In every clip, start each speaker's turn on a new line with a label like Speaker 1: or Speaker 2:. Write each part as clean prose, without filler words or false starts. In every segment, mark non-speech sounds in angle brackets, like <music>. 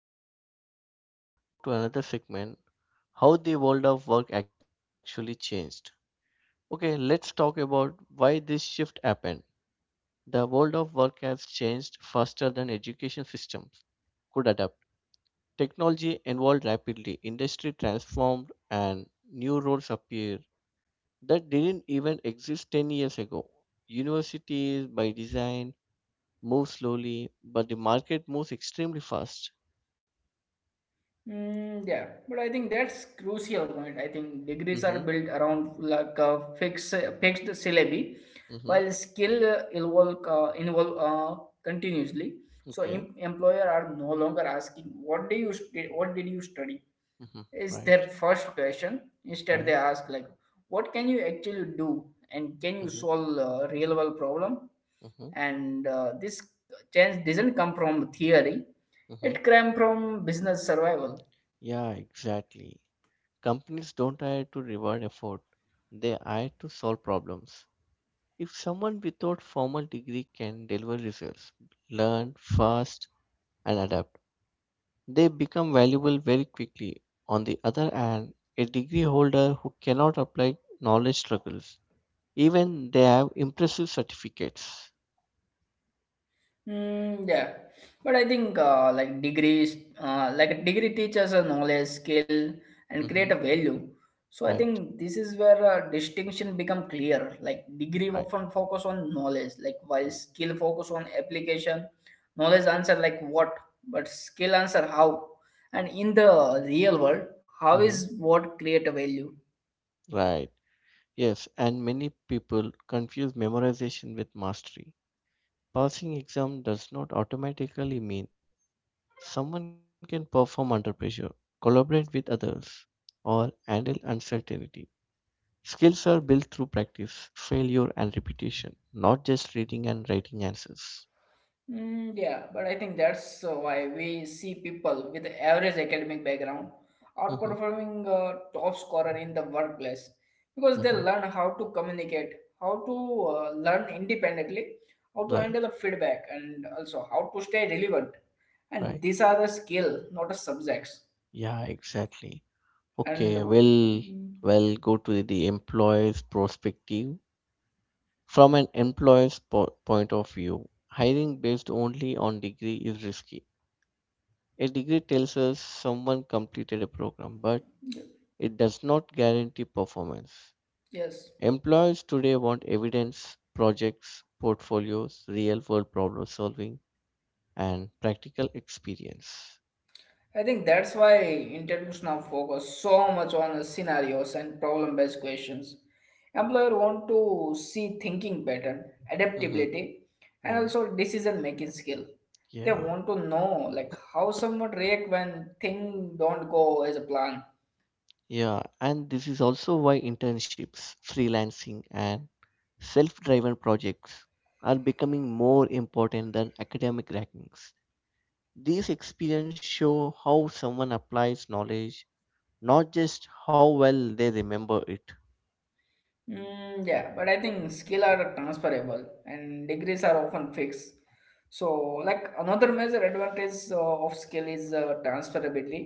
Speaker 1: Okay. Then we'll go to another segment. How the world of work actually changed. Okay, let's talk about why this shift happened. The world of work has changed faster than education systems could adapt. Technology evolved rapidly, industry transformed, and new roles appeared that didn't even exist 10 years ago. Universities, by design, move slowly, but the market moves extremely fast.
Speaker 2: Mm, yeah, but I think that's crucial point. I think degrees are
Speaker 1: Mm-hmm.
Speaker 2: built around like a fixed fixed syllabi,
Speaker 1: Mm-hmm.
Speaker 2: while skill involve continuously. So
Speaker 1: Okay.
Speaker 2: employer are no longer asking what do you what did you study
Speaker 1: Mm-hmm.
Speaker 2: is their
Speaker 1: Right.
Speaker 2: first question. Instead, they
Speaker 1: Right.
Speaker 2: ask like what can you actually do and can you
Speaker 1: Mm-hmm.
Speaker 2: solve a real world problem?
Speaker 1: Mm-hmm.
Speaker 2: And this change doesn't come from theory;
Speaker 1: Mm-hmm.
Speaker 2: it came from business survival.
Speaker 1: Yeah, exactly. Companies don't hire to reward effort. They hire to solve problems. If someone without formal degree can deliver results, learn fast and adapt, they become valuable very quickly. On the other hand, a degree holder who cannot apply knowledge struggles, even they have impressive certificates.
Speaker 2: Mm, yeah, but I think like degrees, like a degree teaches a knowledge, skill, and create a
Speaker 1: Hmm.
Speaker 2: value. So I
Speaker 1: Right,
Speaker 2: think this is where distinction become clear. Like degree
Speaker 1: right.
Speaker 2: often focus on knowledge, like while skill focus on application. Knowledge answer like what, but skill answer how. And in the real world, how
Speaker 1: Mm-hmm.
Speaker 2: is what create a value?
Speaker 1: Right. Yes, and many people confuse memorization with mastery. Passing exam does not automatically mean someone can perform under pressure, collaborate with others, or handle uncertainty. Skills are built through practice, failure, and repetition, not just reading and writing answers.
Speaker 2: Mm, yeah, but I think that's why we see people with average academic background
Speaker 1: Hmm.
Speaker 2: outperforming top scorer in the workplace because they
Speaker 1: Hmm.
Speaker 2: learn how to communicate, how to learn independently, how to
Speaker 1: Right,
Speaker 2: handle the feedback, and also how to stay relevant. And
Speaker 1: right.
Speaker 2: these are the skill, not the subjects.
Speaker 1: Yeah, exactly.
Speaker 2: And
Speaker 1: Okay, well,
Speaker 2: mm,
Speaker 1: well, go to the employer's perspective. From an employer's point of view, hiring based only on degree is risky. A degree tells us someone completed a program, but it does not guarantee performance.
Speaker 2: yes.
Speaker 1: Employers today want evidence, projects, portfolios, real world problem solving, and practical experience.
Speaker 2: I think that's why interviews now focus so much on scenarios and problem-based questions. Employer want to see thinking pattern,
Speaker 1: Mhm.
Speaker 2: adaptability, and
Speaker 1: Mm.
Speaker 2: also decision-making skill. They
Speaker 1: Yeah,
Speaker 2: want to know like how someone react when things don't go as a plan.
Speaker 1: yeah. And this is also why internships, freelancing, and self driven projects are becoming more important than academic rankings. These experiences show how someone applies knowledge, not just how well they remember it.
Speaker 2: Mm, yeah, but I think skill are transferable and degrees are often fixed. So, like another major
Speaker 1: Yeah,
Speaker 2: advantage of skill is transferability,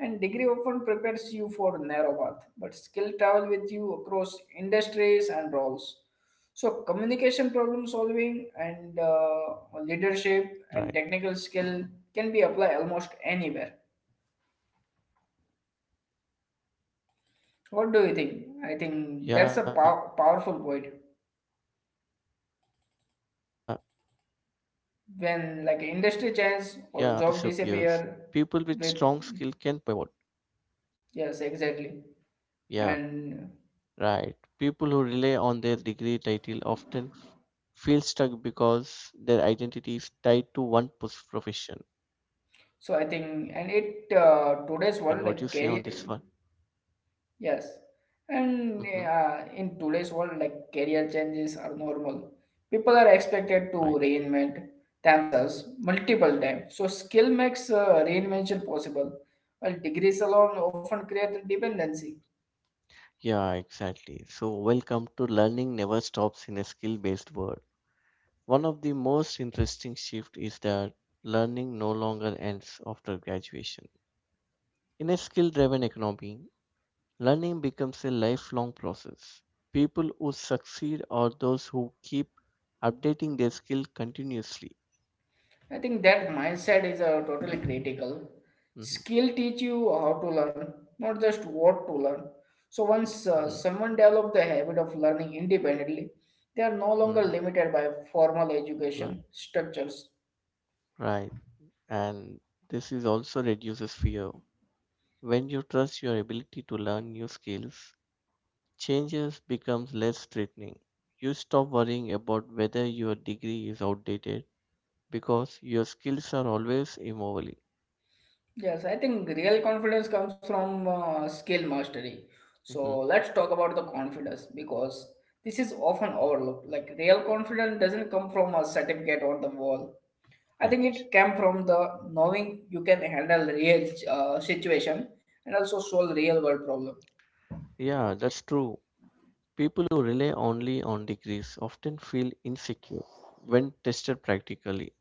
Speaker 2: and degree often prepares you for narrow path, but skill travel with you across industries and roles. So, communication, problem solving, and
Speaker 1: right.
Speaker 2: leadership and technical skill can be applied almost anywhere. What do you think? I
Speaker 1: Yeah,
Speaker 2: think that's a
Speaker 1: yeah. That's a
Speaker 2: powerful point.
Speaker 1: powerful point. When industries change, or job disappears, people with
Speaker 2: When like
Speaker 1: strong
Speaker 2: industry
Speaker 1: skill
Speaker 2: change
Speaker 1: can pivot.
Speaker 2: or job disappear with
Speaker 1: Yeah,
Speaker 2: yes
Speaker 1: right.
Speaker 2: exactly
Speaker 1: People who rely on their degree
Speaker 2: and
Speaker 1: title often feel stuck because their identity is tied to one profession.
Speaker 2: so
Speaker 1: And
Speaker 2: I
Speaker 1: what you
Speaker 2: think
Speaker 1: say on
Speaker 2: and
Speaker 1: this one?
Speaker 2: it today's world like career
Speaker 1: Mm-hmm.
Speaker 2: yes and in today's world like career changes are normal, people are
Speaker 1: Right.
Speaker 2: expected to reinvent themselves multiple times, so skill makes reinvention possible while degrees alone often create dependency.
Speaker 1: Yeah, exactly. So, welcome to Learning Never Stops in a Skill Based World. One of the most interesting shifts is that learning no longer ends after graduation. In a skill driven economy, learning becomes a lifelong process. People who succeed are those who keep updating their skill continuously.
Speaker 2: I think that mindset is totally critical.
Speaker 1: Mhm.
Speaker 2: Skill teach you how to learn, not just what to learn. So once
Speaker 1: Mhm.
Speaker 2: someone develop the habit of learning independently, they are no
Speaker 1: Mm.
Speaker 2: longer limited by formal
Speaker 1: Right.
Speaker 2: education structures.
Speaker 1: Right. And this is also reduces fear. When you trust your ability to learn new skills, changes becomes less threatening. You stop worrying about whether your degree is outdated because your skills are always evolving.
Speaker 2: Yes, I think real confidence comes from skill mastery. So
Speaker 1: Mhm.
Speaker 2: let's talk about the confidence because this is often overlooked. Like real confidence doesn't come from a certificate on the wall. I think
Speaker 1: Right.
Speaker 2: it came from the knowing you can handle real situation and also solve real world problem.
Speaker 1: Yeah, that's true. People who rely only on degrees often feel insecure when tested practically.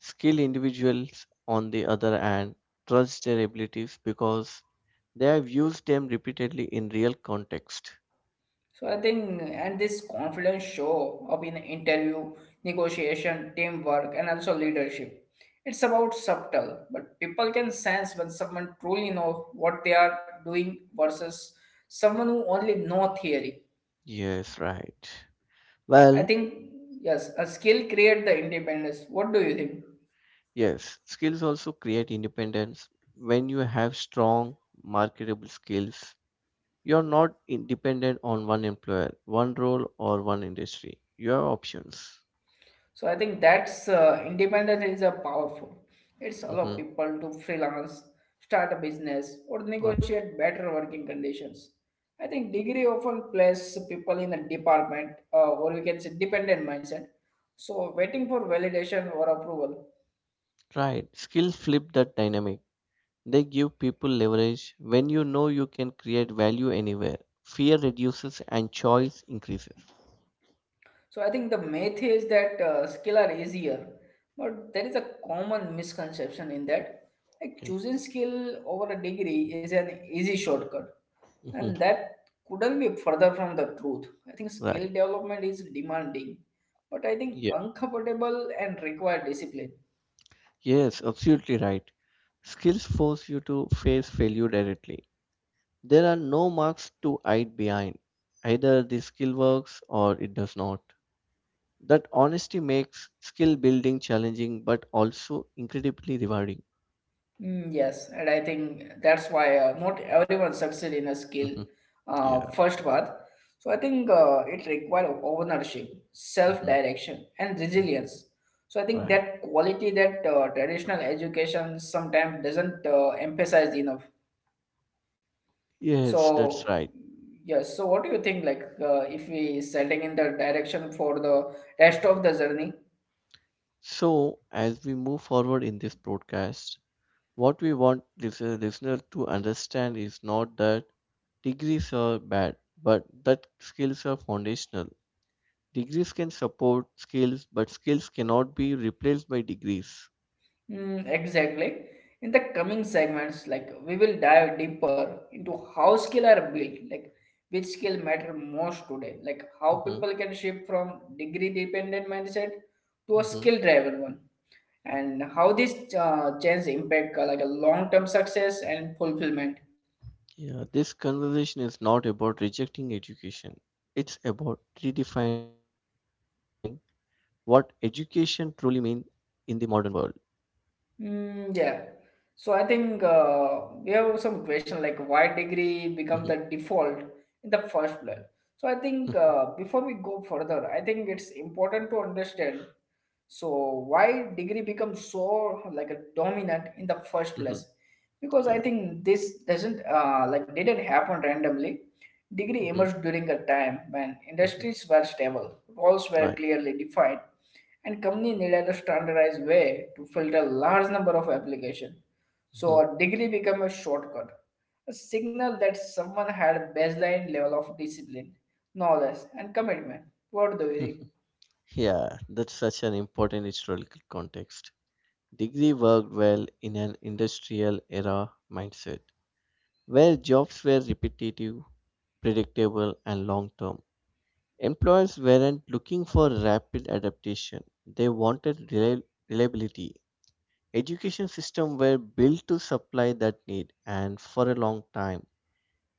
Speaker 1: Skilled individuals, on the other hand, trust their abilities because they have used them repeatedly in real context.
Speaker 2: So I think and this confidence show up in interview, negotiation, teamwork, and also leadership. It's about subtle, but people can sense when someone truly knows what they are doing versus someone who only know theory.
Speaker 1: Yes, right.
Speaker 2: I
Speaker 1: Well,
Speaker 2: think yes, a skill create the independence. What do you think?
Speaker 1: yes, skills also create independence. When you have strong, marketable skills, you're not dependent on one employer, one role, or one industry. You have options.
Speaker 2: So I think that's independence is a powerful. It's allow
Speaker 1: Hmm.
Speaker 2: people to freelance, start a business, or
Speaker 1: Right.
Speaker 2: negotiate better working conditions. I think degree often places people in a department or we can say dependent mindset. So waiting for validation or approval.
Speaker 1: Right. Skills flip that dynamic. They give people leverage when you know you can create value anywhere. Fear reduces and choice increases.
Speaker 2: So I think the myth is that skill are easier, but there is a common misconception in that like
Speaker 1: Okay.
Speaker 2: choosing skill over a degree is an easy shortcut,
Speaker 1: Mhm.
Speaker 2: and that couldn't be further from the truth. I think skill
Speaker 1: Right.
Speaker 2: development is demanding, but I think
Speaker 1: Yeah.
Speaker 2: uncomfortable and require discipline.
Speaker 1: Yes, absolutely right. Skills force you to face failure directly. There are no marks to hide behind. Either the skill works or it does not. That honesty makes skill building challenging but also incredibly rewarding.
Speaker 2: Mm, yes, and I think that's why not everyone succeed in a skill
Speaker 1: Mhm. Yeah.
Speaker 2: first path. So I think it requires ownership,
Speaker 1: Mhm.
Speaker 2: self-direction, and
Speaker 1: Mm.
Speaker 2: resilience. So I think
Speaker 1: Right.
Speaker 2: that quality that traditional education sometimes doesn't emphasize enough.
Speaker 1: Yes, that's
Speaker 2: So
Speaker 1: right.
Speaker 2: yes, so what do you think? Like if we setting in the direction for the rest of the journey,
Speaker 1: So, as we move forward in this broadcast, what we want this listener to understand is not that degrees are bad, but that skills are foundational. Degrees can support skills, but skills cannot be replaced by degrees.
Speaker 2: mm, exactly. In the coming segments, like we will dive deeper into how skill are built, like which skill matter most today, like how
Speaker 1: Hmm.
Speaker 2: people can shift from degree dependent mindset to a
Speaker 1: Hmm.
Speaker 2: skill driven one, and how this change impact like a long term success and fulfillment.
Speaker 1: Yeah, this conversation is not about rejecting education. It's about redefining what education truly means in the modern world.
Speaker 2: Mm, yeah. So I think we have some question like why degree
Speaker 1: Hmm.
Speaker 2: become the default in the first place. So I think before we go further, I think it's important to understand so why degree becomes so like a dominant in the first
Speaker 1: <laughs> Hmm.
Speaker 2: place because I
Speaker 1: Yeah.
Speaker 2: think this doesn't like didn't happen randomly. Degree emerged during a time when
Speaker 1: Mhm.
Speaker 2: industries were stable, roles were
Speaker 1: Right.
Speaker 2: clearly defined, and company needed a standardized way to filter large number of applications. So
Speaker 1: Mhm.
Speaker 2: a degree became a shortcut, a signal that someone had baseline level of discipline, knowledge, and commitment. What do you think?
Speaker 1: <laughs> Yeah, that's such an important historical context. Degree worked well in an industrial era mindset where jobs were repetitive, predictable, and long term. Employers weren't looking for rapid adaptation, they wanted reliability. Education systems were built to supply that need, and for a long time,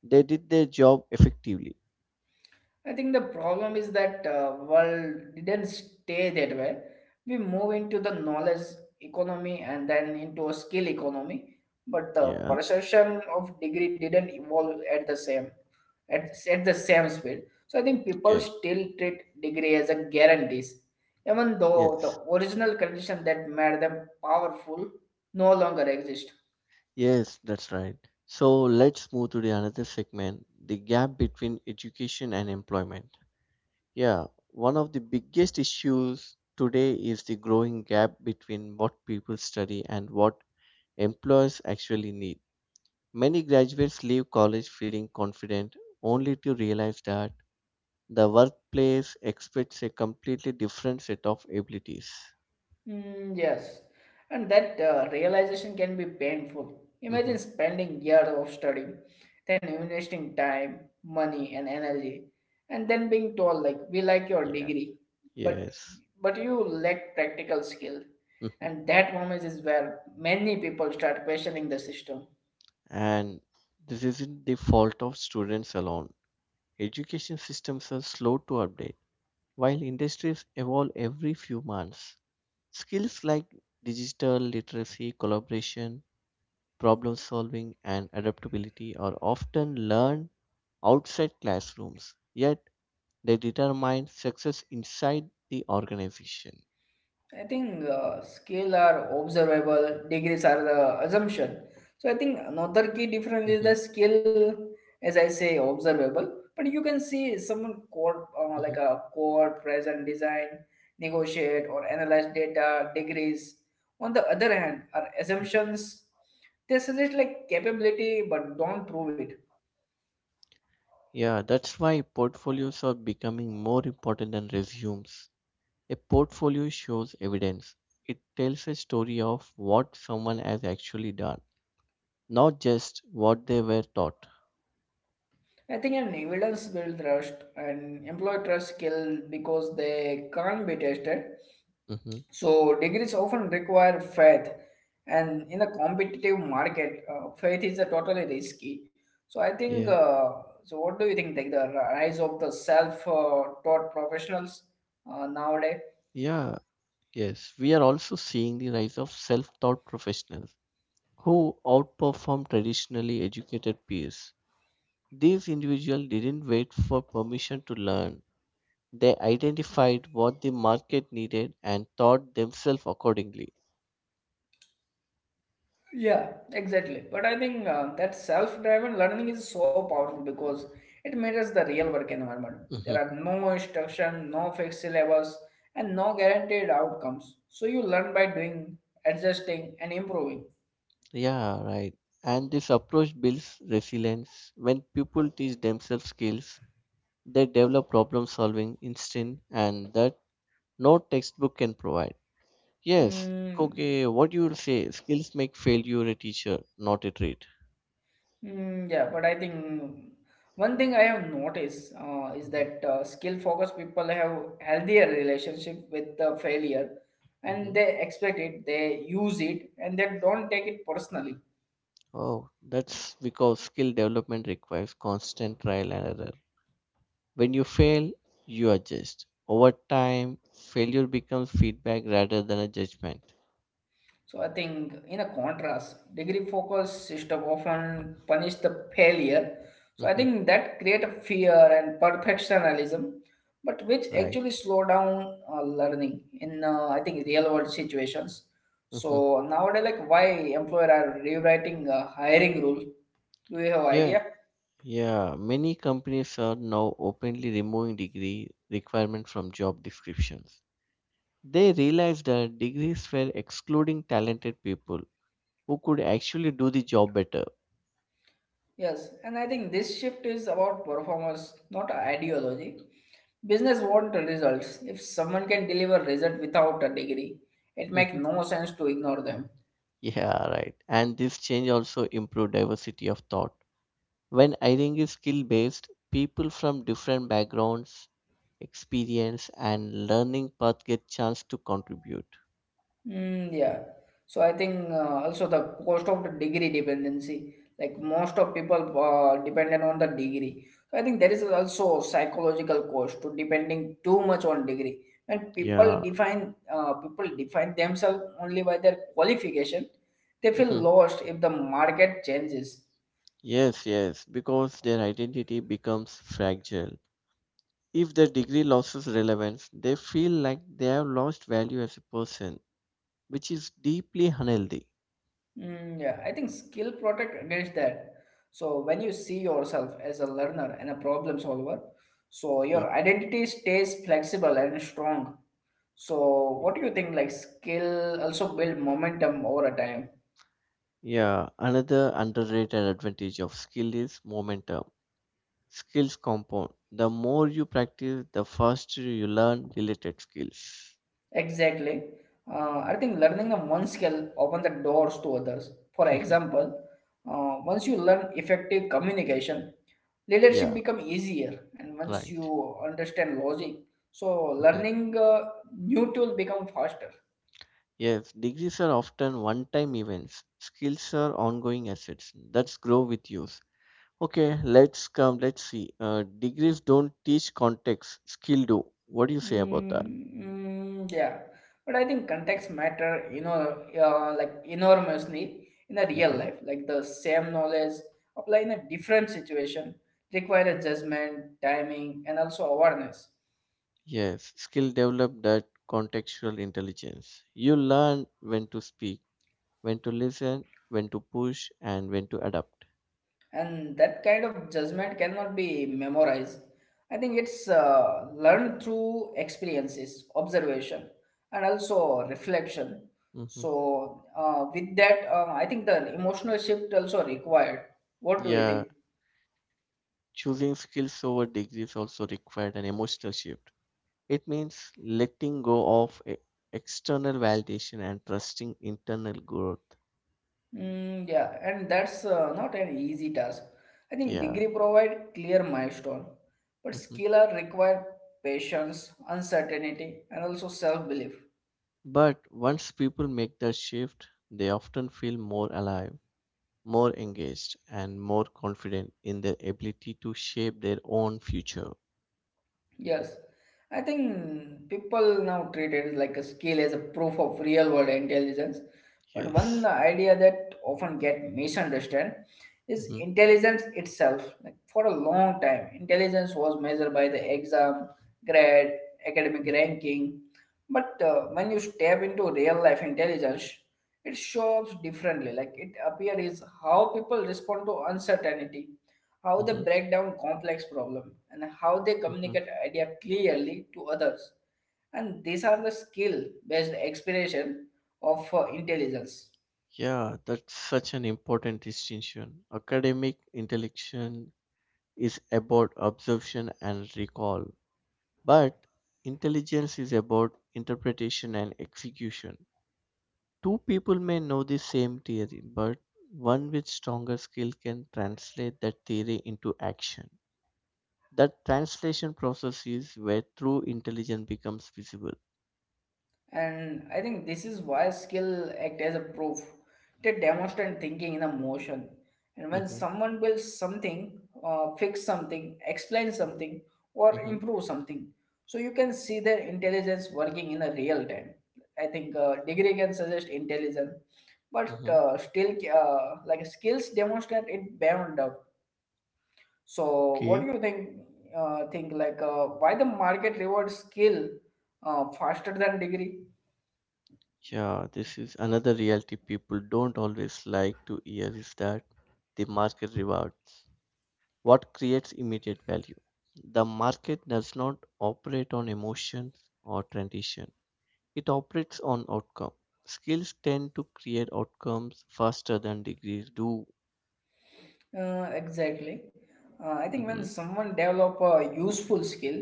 Speaker 1: they did their job effectively.
Speaker 2: I think the problem is that world didn't stay that way. We move into the knowledge economy and then into a skill economy, but the
Speaker 1: Yeah,
Speaker 2: perception of degree didn't evolve at the same. at the same speed. So I think people
Speaker 1: okay,
Speaker 2: still treat degree as a guarantees, even though the
Speaker 1: yes.
Speaker 2: original condition that made them powerful no longer exist.
Speaker 1: Yes, that's right. So let's move to the another segment, the gap between education and employment. Yeah, one of the biggest issues today is the growing gap between what people study and what employers actually need. Many graduates leave college feeling confident only to realize that the workplace expects a completely different set of abilities.
Speaker 2: Mm, yes, and that realization can be painful.
Speaker 1: Hmm.
Speaker 2: Imagine spending years of studying, then investing time, money, and energy, and then being told like we like your
Speaker 1: Yeah,
Speaker 2: degree, but
Speaker 1: yes.
Speaker 2: but you lack practical skill,
Speaker 1: Mhm.
Speaker 2: and that moment is where many people start questioning the system.
Speaker 1: And this isn't the fault of students alone. Education systems are slow to update, while industries evolve every few months. Skills like digital literacy, collaboration, problem solving, and adaptability are often learned outside classrooms, yet they determine success inside the organization.
Speaker 2: I think scale are observable, degrees are the assumption. So I think
Speaker 1: Mhm.
Speaker 2: another key difference is the scale, as I say, observable. But you can see someone
Speaker 1: Mhm.
Speaker 2: code like a code, present design, negotiate or analyze data. Degrees, on the other hand, are assumptions. They suggest like capability but don't prove it.
Speaker 1: Yeah, that's why portfolios are becoming more important than resumes. A portfolio shows evidence. It tells a story of what someone has actually done, not just what they were taught.
Speaker 2: I think an evidence build trust and employee trust skill because they can't be tested.
Speaker 1: Hmm.
Speaker 2: So degrees often require faith, and in a competitive market, faith is a totally risky. So I think.
Speaker 1: Yeah,
Speaker 2: So what do you think? Like the rise of the self-taught professionals nowadays.
Speaker 1: yeah, yes. We are also seeing the rise of self taught professionals who outperform traditionally educated peers. These individuals didn't wait for permission to learn. They identified what the market needed and taught themselves accordingly.
Speaker 2: Yeah, exactly. But I think that self-driven learning is so powerful because it mirrors the real work environment. There are
Speaker 1: Mm-hmm.
Speaker 2: no instruction, no fixed syllabus, and no guaranteed outcomes. So you learn by doing, adjusting, and improving.
Speaker 1: Yeah, right. And this approach builds resilience. When people teach themselves skills, they develop problem solving instinct and that no textbook can provide. Yes,
Speaker 2: Mm,
Speaker 1: okay, what you would say, skills make failure a teacher, not a trait.
Speaker 2: Mm, yeah, but I think one thing I have noticed is
Speaker 1: Hmm.
Speaker 2: that skill-focused people have healthier relationship with the failure, and
Speaker 1: Hmm.
Speaker 2: they expect it, they use it, and they don't take it personally.
Speaker 1: Oh, that's because skill development requires constant trial and error. When you fail, you adjust. Over time, failure becomes feedback rather than a judgment.
Speaker 2: So I think in a contrast, degree focus system often punish the failure. So I
Speaker 1: Hmm.
Speaker 2: think that create a fear and perfectionism, but which actually
Speaker 1: Right.
Speaker 2: slow down learning in I think real world situations.
Speaker 1: Mm-hmm.
Speaker 2: So nowadays, like why employer are rewriting a hiring rule? Do you have idea?
Speaker 1: Yeah, yeah, many companies are now openly removing degree requirement from job descriptions. They realized that degrees were excluding talented people who could actually do the job better. <laughs>
Speaker 2: Yes, and I think this shift is about performance, not ideology. Business want results. If someone can deliver result without a degree, it make
Speaker 1: Mhm.
Speaker 2: no sense to ignore them.
Speaker 1: Yeah, right. And this change also improved diversity of thought. When hiring is skill based, people from different backgrounds, experience, and learning path get chance to contribute.
Speaker 2: Mm, yeah. So I think also the cost of the degree dependency, like most of people dependent on the degree. So I think there is also psychological cost to depending too much on degree. When people
Speaker 1: Yeah.
Speaker 2: define themselves only by their qualification, they
Speaker 1: <laughs>
Speaker 2: feel
Speaker 1: Mhm.
Speaker 2: lost if the market changes.
Speaker 1: Yes, yes, because their identity becomes fragile. If the degree loses relevance, they feel like they have lost value as a person, which is deeply unhealthy.
Speaker 2: Mm, yeah, I think skill protect against that. So when you see yourself as a learner and a problem solver, so
Speaker 1: Mhm.
Speaker 2: your identity stays flexible and strong. So what do you think? Like skill also build momentum over a time.
Speaker 1: Yeah, another underrated advantage of skill is momentum. Skills compound. The more you practice, the faster you learn related skills.
Speaker 2: Exactly. I think learning of one skill open the doors to others. For
Speaker 1: <laughs>
Speaker 2: example, once you learn effective communication, leadership
Speaker 1: Yeah,
Speaker 2: become easier, and once you
Speaker 1: right.
Speaker 2: understand logic, so
Speaker 1: Mhm.
Speaker 2: learning new tools become faster.
Speaker 1: Yes, degrees are often one time events. Skills are ongoing assets that grow with you. Okay, let's come. Let's see. Degrees don't teach context. Skill do. What do you say about
Speaker 2: mm,
Speaker 1: that?
Speaker 2: yeah, but I think context matter, you know, like enormously in a real
Speaker 1: Hmm.
Speaker 2: life, like the same knowledge apply in a different situation, require adjustment, timing, and also awareness.
Speaker 1: Yes, skill develop that contextual intelligence. You learn when to speak, when to listen, when to push, and when to adapt.
Speaker 2: And that kind of judgment cannot be memorized. I think it's learned through experiences, observation, and also reflection.
Speaker 1: Hmm.
Speaker 2: So with that, I think the emotional shift also required. What do you think?
Speaker 1: Yeah, choosing skills over degrees also required an emotional shift. It means letting go of external validation and trusting internal growth.
Speaker 2: Mm, yeah, and that's not an easy task. I think
Speaker 1: Yeah.
Speaker 2: degree provide clear milestone, but
Speaker 1: <laughs>
Speaker 2: skill are required patience, uncertainty, and also self belief.
Speaker 1: But once people make that shift, they often feel more alive, more engaged, and more confident in their ability to shape their own future.
Speaker 2: Yes, I think people now treat it like a skill as a proof of real world intelligence. But one
Speaker 1: Yes.
Speaker 2: idea that often get misunderstood is
Speaker 1: Hmm.
Speaker 2: intelligence itself. Like, for a long time, intelligence was measured by the exam, grade, academic ranking. But when you step into real life intelligence, it shows differently. Like, it appears is how people respond to uncertainty, how they
Speaker 1: Hmm.
Speaker 2: break down complex problem, and how they
Speaker 1: Hmm.
Speaker 2: communicate idea clearly to others. And these are the skill based expression of intelligence.
Speaker 1: Yeah, that's such an important distinction. Academic intelligence is about absorption and recall, but intelligence is about interpretation and execution. Two people may know the same theory, but one with stronger skill can translate that theory into action. That translation process is where true intelligence becomes visible.
Speaker 2: And I think this is why skill act as a proof. They demonstrate thinking in a motion. And when
Speaker 1: Mhm.
Speaker 2: someone builds something, fix something, explain something, or
Speaker 1: Mhm.
Speaker 2: improve something, so you can see their intelligence working in a real time. I think degree can suggest intelligence, but
Speaker 1: Mhm.
Speaker 2: still like, skills demonstrate it beyond up. So what do
Speaker 1: Okay.
Speaker 2: you think? Think like, why the market rewards skill faster than degree?
Speaker 1: Yeah, this is another reality people don't always like to hear is that the market rewards what creates immediate value. The market does not operate on emotions or tradition. It operates on outcome. Skills tend to create outcomes faster than degrees do.
Speaker 2: Exactly. I think when
Speaker 1: Hmm.
Speaker 2: someone develop a useful skill,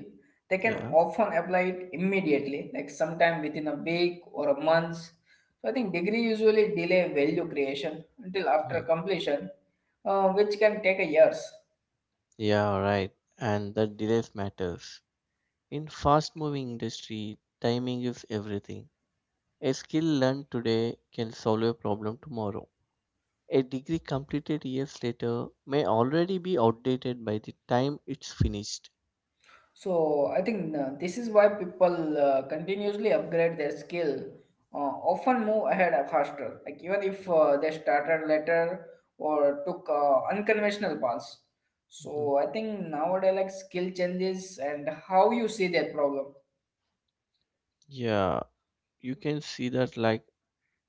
Speaker 2: they can
Speaker 1: Yeah.
Speaker 2: often apply it immediately, like sometime within a week or a month. So I think degree usually delay value creation until after
Speaker 1: Mhm.
Speaker 2: completion, which can take a years.
Speaker 1: Yeah, right. And that delays matters. In fast-moving industry, timing is everything. A skill learned today can solve a problem tomorrow. A degree completed years later may already be outdated by the time it's finished.
Speaker 2: So I think this is why people continuously upgrade their skill, often move ahead faster, like even if they started later or took unconventional paths.
Speaker 1: Mhm.
Speaker 2: So I think nowadays, like, skill changes and how you see that problem.
Speaker 1: Yeah, you can see that, like,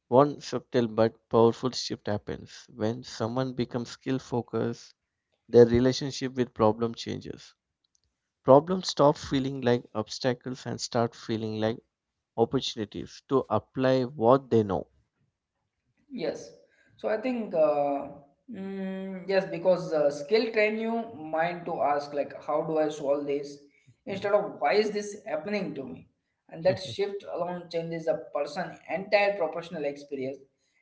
Speaker 1: one subtle but powerful shift happens when someone becomes skill focused, their relationship with problem changes. Problems stop feeling like obstacles and start feeling like opportunities to apply what they know.
Speaker 2: Yes. So I think yes, because skill train you mind to ask like, how do I solve this? Instead
Speaker 1: Mhm.
Speaker 2: of, why is this happening to me? And that
Speaker 1: <laughs>
Speaker 2: shift alone changes a person entire professional experience.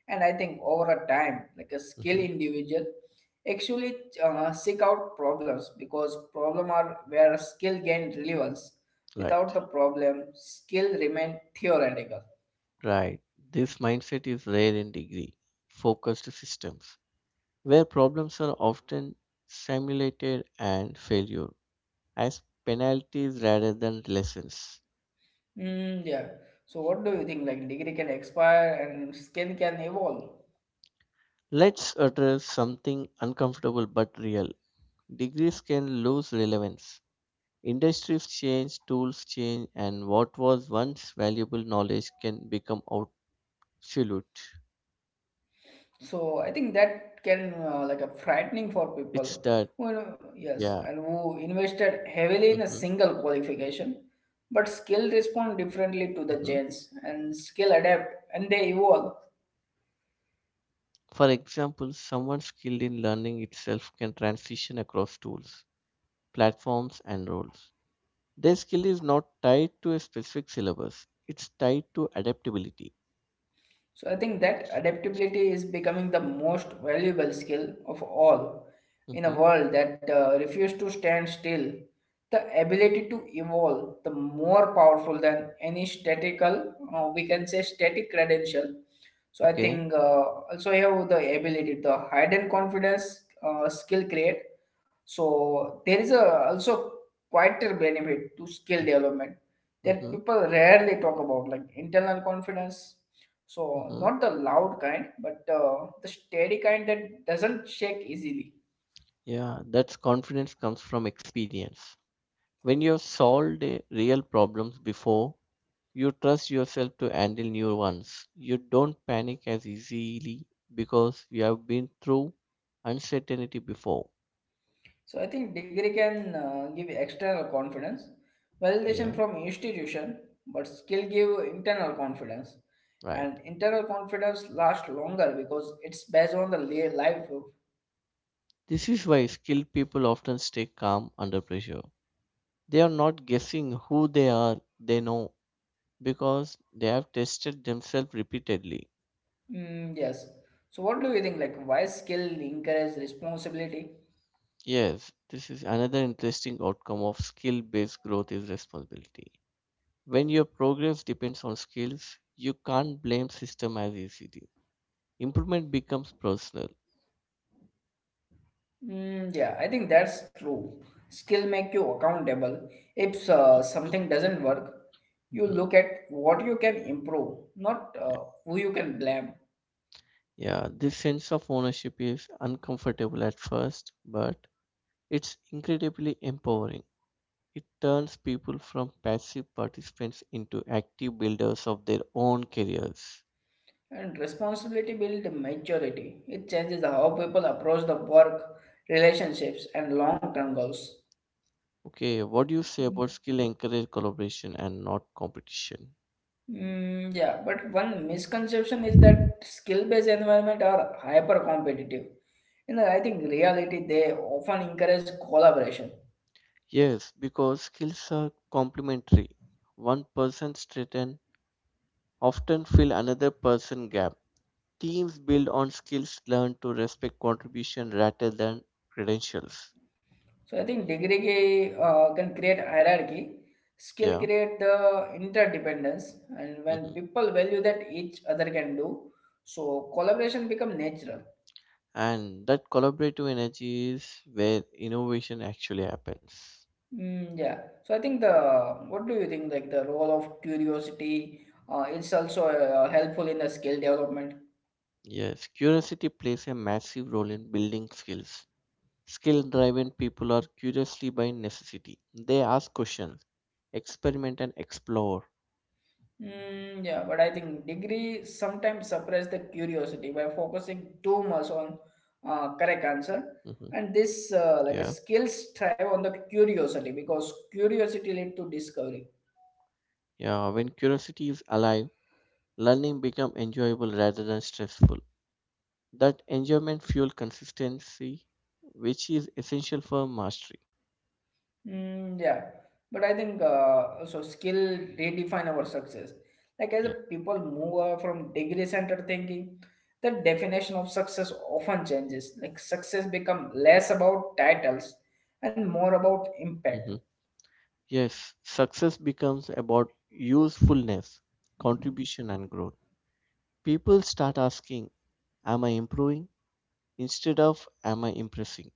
Speaker 2: And I think over a time, like, a skill
Speaker 1: Mhm.
Speaker 2: individual actually seek out problems because problem are where skill gain relevance. Without
Speaker 1: Right,
Speaker 2: the problem, skill remain theoretical.
Speaker 1: right. This mindset is rare in degree focused systems, where problems are often simulated and failure as penalties rather than lessons.
Speaker 2: Mm, yeah. So what do you think? Like, degree can expire and skill can evolve.
Speaker 1: Let's address something uncomfortable but real. Degrees can lose relevance. Industries change, tools change, and what was once valuable knowledge can become obsolete.
Speaker 2: So I think that can like a
Speaker 1: It's that,
Speaker 2: frightening for people.
Speaker 1: yeah.
Speaker 2: Well, yes, and who
Speaker 1: Hmm.
Speaker 2: invested heavily in a single qualification, but skill respond
Speaker 1: Hmm.
Speaker 2: differently to the change, and skill adapt and they evolve.
Speaker 1: For example, someone skilled in learning itself can transition across tools, platforms, and roles. Their skill is not tied to a specific syllabus, it's tied to adaptability.
Speaker 2: So I think that adaptability is becoming the most valuable skill of all in
Speaker 1: Hmm.
Speaker 2: a world that refuses to stand still. The ability to evolve, the more powerful than any statical, we can say static credential. So I
Speaker 1: Okay.
Speaker 2: think also have the ability, the hidden confidence skill create. So there is a also quieter benefit to skill development
Speaker 1: Mm-hmm.
Speaker 2: that
Speaker 1: Mm-hmm.
Speaker 2: people rarely talk about, like internal confidence, so
Speaker 1: Mm-hmm.
Speaker 2: not the loud kind, but the steady kind that doesn't shake easily.
Speaker 1: Yeah, that's confidence comes from experience. When you have solved real problems before, you trust yourself to handle new ones. You don't panic as easily because you have been through uncertainty before.
Speaker 2: So I think degree can give external confidence, validation
Speaker 1: Yeah,
Speaker 2: from institution, but skill give internal confidence.
Speaker 1: right.
Speaker 2: And internal confidence lasts longer because it's based on the life.
Speaker 1: This is why skilled people often stay calm under pressure. They are not guessing who they are, they know because they have tested themselves repeatedly.
Speaker 2: Mm, yes. So what do you think? Like, why skill encourage responsibility?
Speaker 1: Yes, this is another interesting outcome of skill based growth is responsibility. When your progress depends on skills, you can't blame system as ECD. Improvement becomes personal.
Speaker 2: Mm, yeah, I think that's true. Skill make you accountable. If something doesn't work, you
Speaker 1: Mhm.
Speaker 2: look at what you can improve, not
Speaker 1: Yeah,
Speaker 2: who you can blame.
Speaker 1: Yeah, this sense of ownership is uncomfortable at first, but it's incredibly empowering. It turns people from passive participants into active builders of their own careers.
Speaker 2: And responsibility builds maturity. It changes how people approach the work, relationships, and long-term goals.
Speaker 1: Okay, what do you say about skill encourage collaboration and not competition?
Speaker 2: Mm, yeah, but one misconception is that skill-based environment are hyper-competitive. You know, I think reality they often encourage collaboration.
Speaker 1: Yes, because skills are complementary. One person's strength often fill another person gap. Teams build on skills learned to respect contribution rather than credentials.
Speaker 2: So I think degree can create hierarchy, skill
Speaker 1: Yeah.
Speaker 2: create the interdependence, and when
Speaker 1: Hmm.
Speaker 2: people value that each other can do, so collaboration become natural.
Speaker 1: And that collaborative energy is where innovation actually happens.
Speaker 2: Mm, yeah. So I think the what do you think, like, the role of curiosity is also helpful in the skill development.
Speaker 1: Yes, curiosity plays a massive role in building skills. Skill driven people are curiously by necessity. They ask questions, experiment, and explore.
Speaker 2: Mm, yeah, but I think degree sometimes suppress the curiosity by focusing too much on correct answer.
Speaker 1: Hmm.
Speaker 2: And this
Speaker 1: Yeah.
Speaker 2: like, a skills thrive on the curiosity because curiosity lead to discovery.
Speaker 1: Yeah, when curiosity is alive, learning becomes enjoyable rather than stressful. That enjoyment fuel consistency, which is essential for mastery.
Speaker 2: Mm, yeah, but I think so skill redefine our success. Like, as
Speaker 1: Yeah.
Speaker 2: people move away from degree centered thinking, the definition of success often changes. Like, success become less about titles and more about impact.
Speaker 1: Hmm. Yes, success becomes about usefulness, contribution, and growth. People start asking, am I improving? Instead of am I impressing?